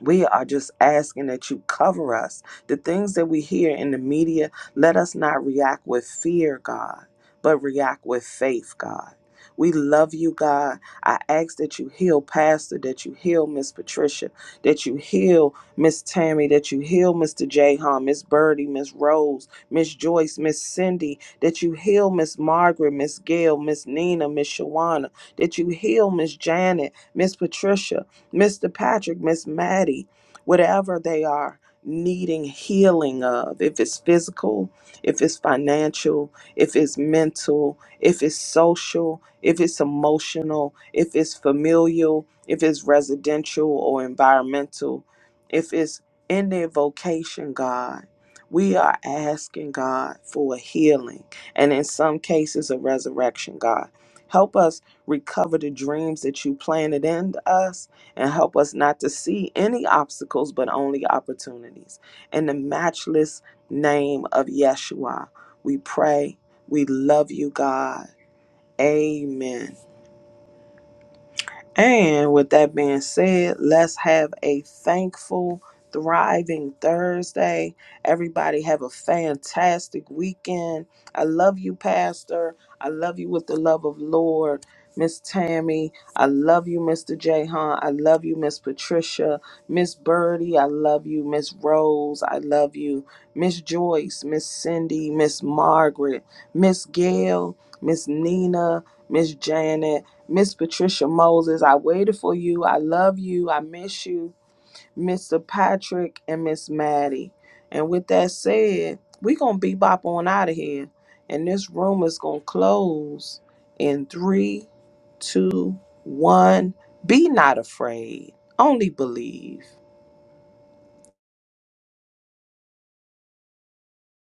Speaker 3: We are just asking that you cover us. The things that we hear in the media, let us not react with fear, God, but react with faith, God. We love you, God. I ask that you heal Pastor, that you heal Miss Patricia, that you heal Miss Tammy, that you heal Mr. Jahan, Miss Birdie, Miss Rose, Miss Joyce, Miss Cindy, that you heal Miss Margaret, Miss Gail, Miss Nina, Miss Shawana, that you heal Miss Janet, Miss Patricia, Mr. Patrick, Miss Maddie, whatever they are needing healing of, if it's physical, if it's financial, if it's mental, if it's social, if it's emotional, if it's familial, if it's residential or environmental, if it's in their vocation, God. We are asking God for a healing and in some cases a resurrection, God. Help us recover the dreams that you planted in us and help us not to see any obstacles but only opportunities. In the matchless name of Yeshua, we pray. We love you, God. Amen. And with that being said, let's have a thankful, thriving Thursday. Everybody have a fantastic weekend. I love you, Pastor. I love you with the love of Lord. Miss Tammy, I love you, Mr. Jahan. I love you, Miss Patricia. Miss Birdie, I love you. Miss Rose, I love you. Miss Joyce, Miss Cindy, Miss Margaret, Miss Gail, Miss Nina, Miss Janet. Miss Patricia Moses, I waited for you. I love you. I miss you. Mr. Patrick and Miss Maddie. And with that said, we going to bebop on out of here. And this room is going to close in three, two, one. Be not afraid, only believe.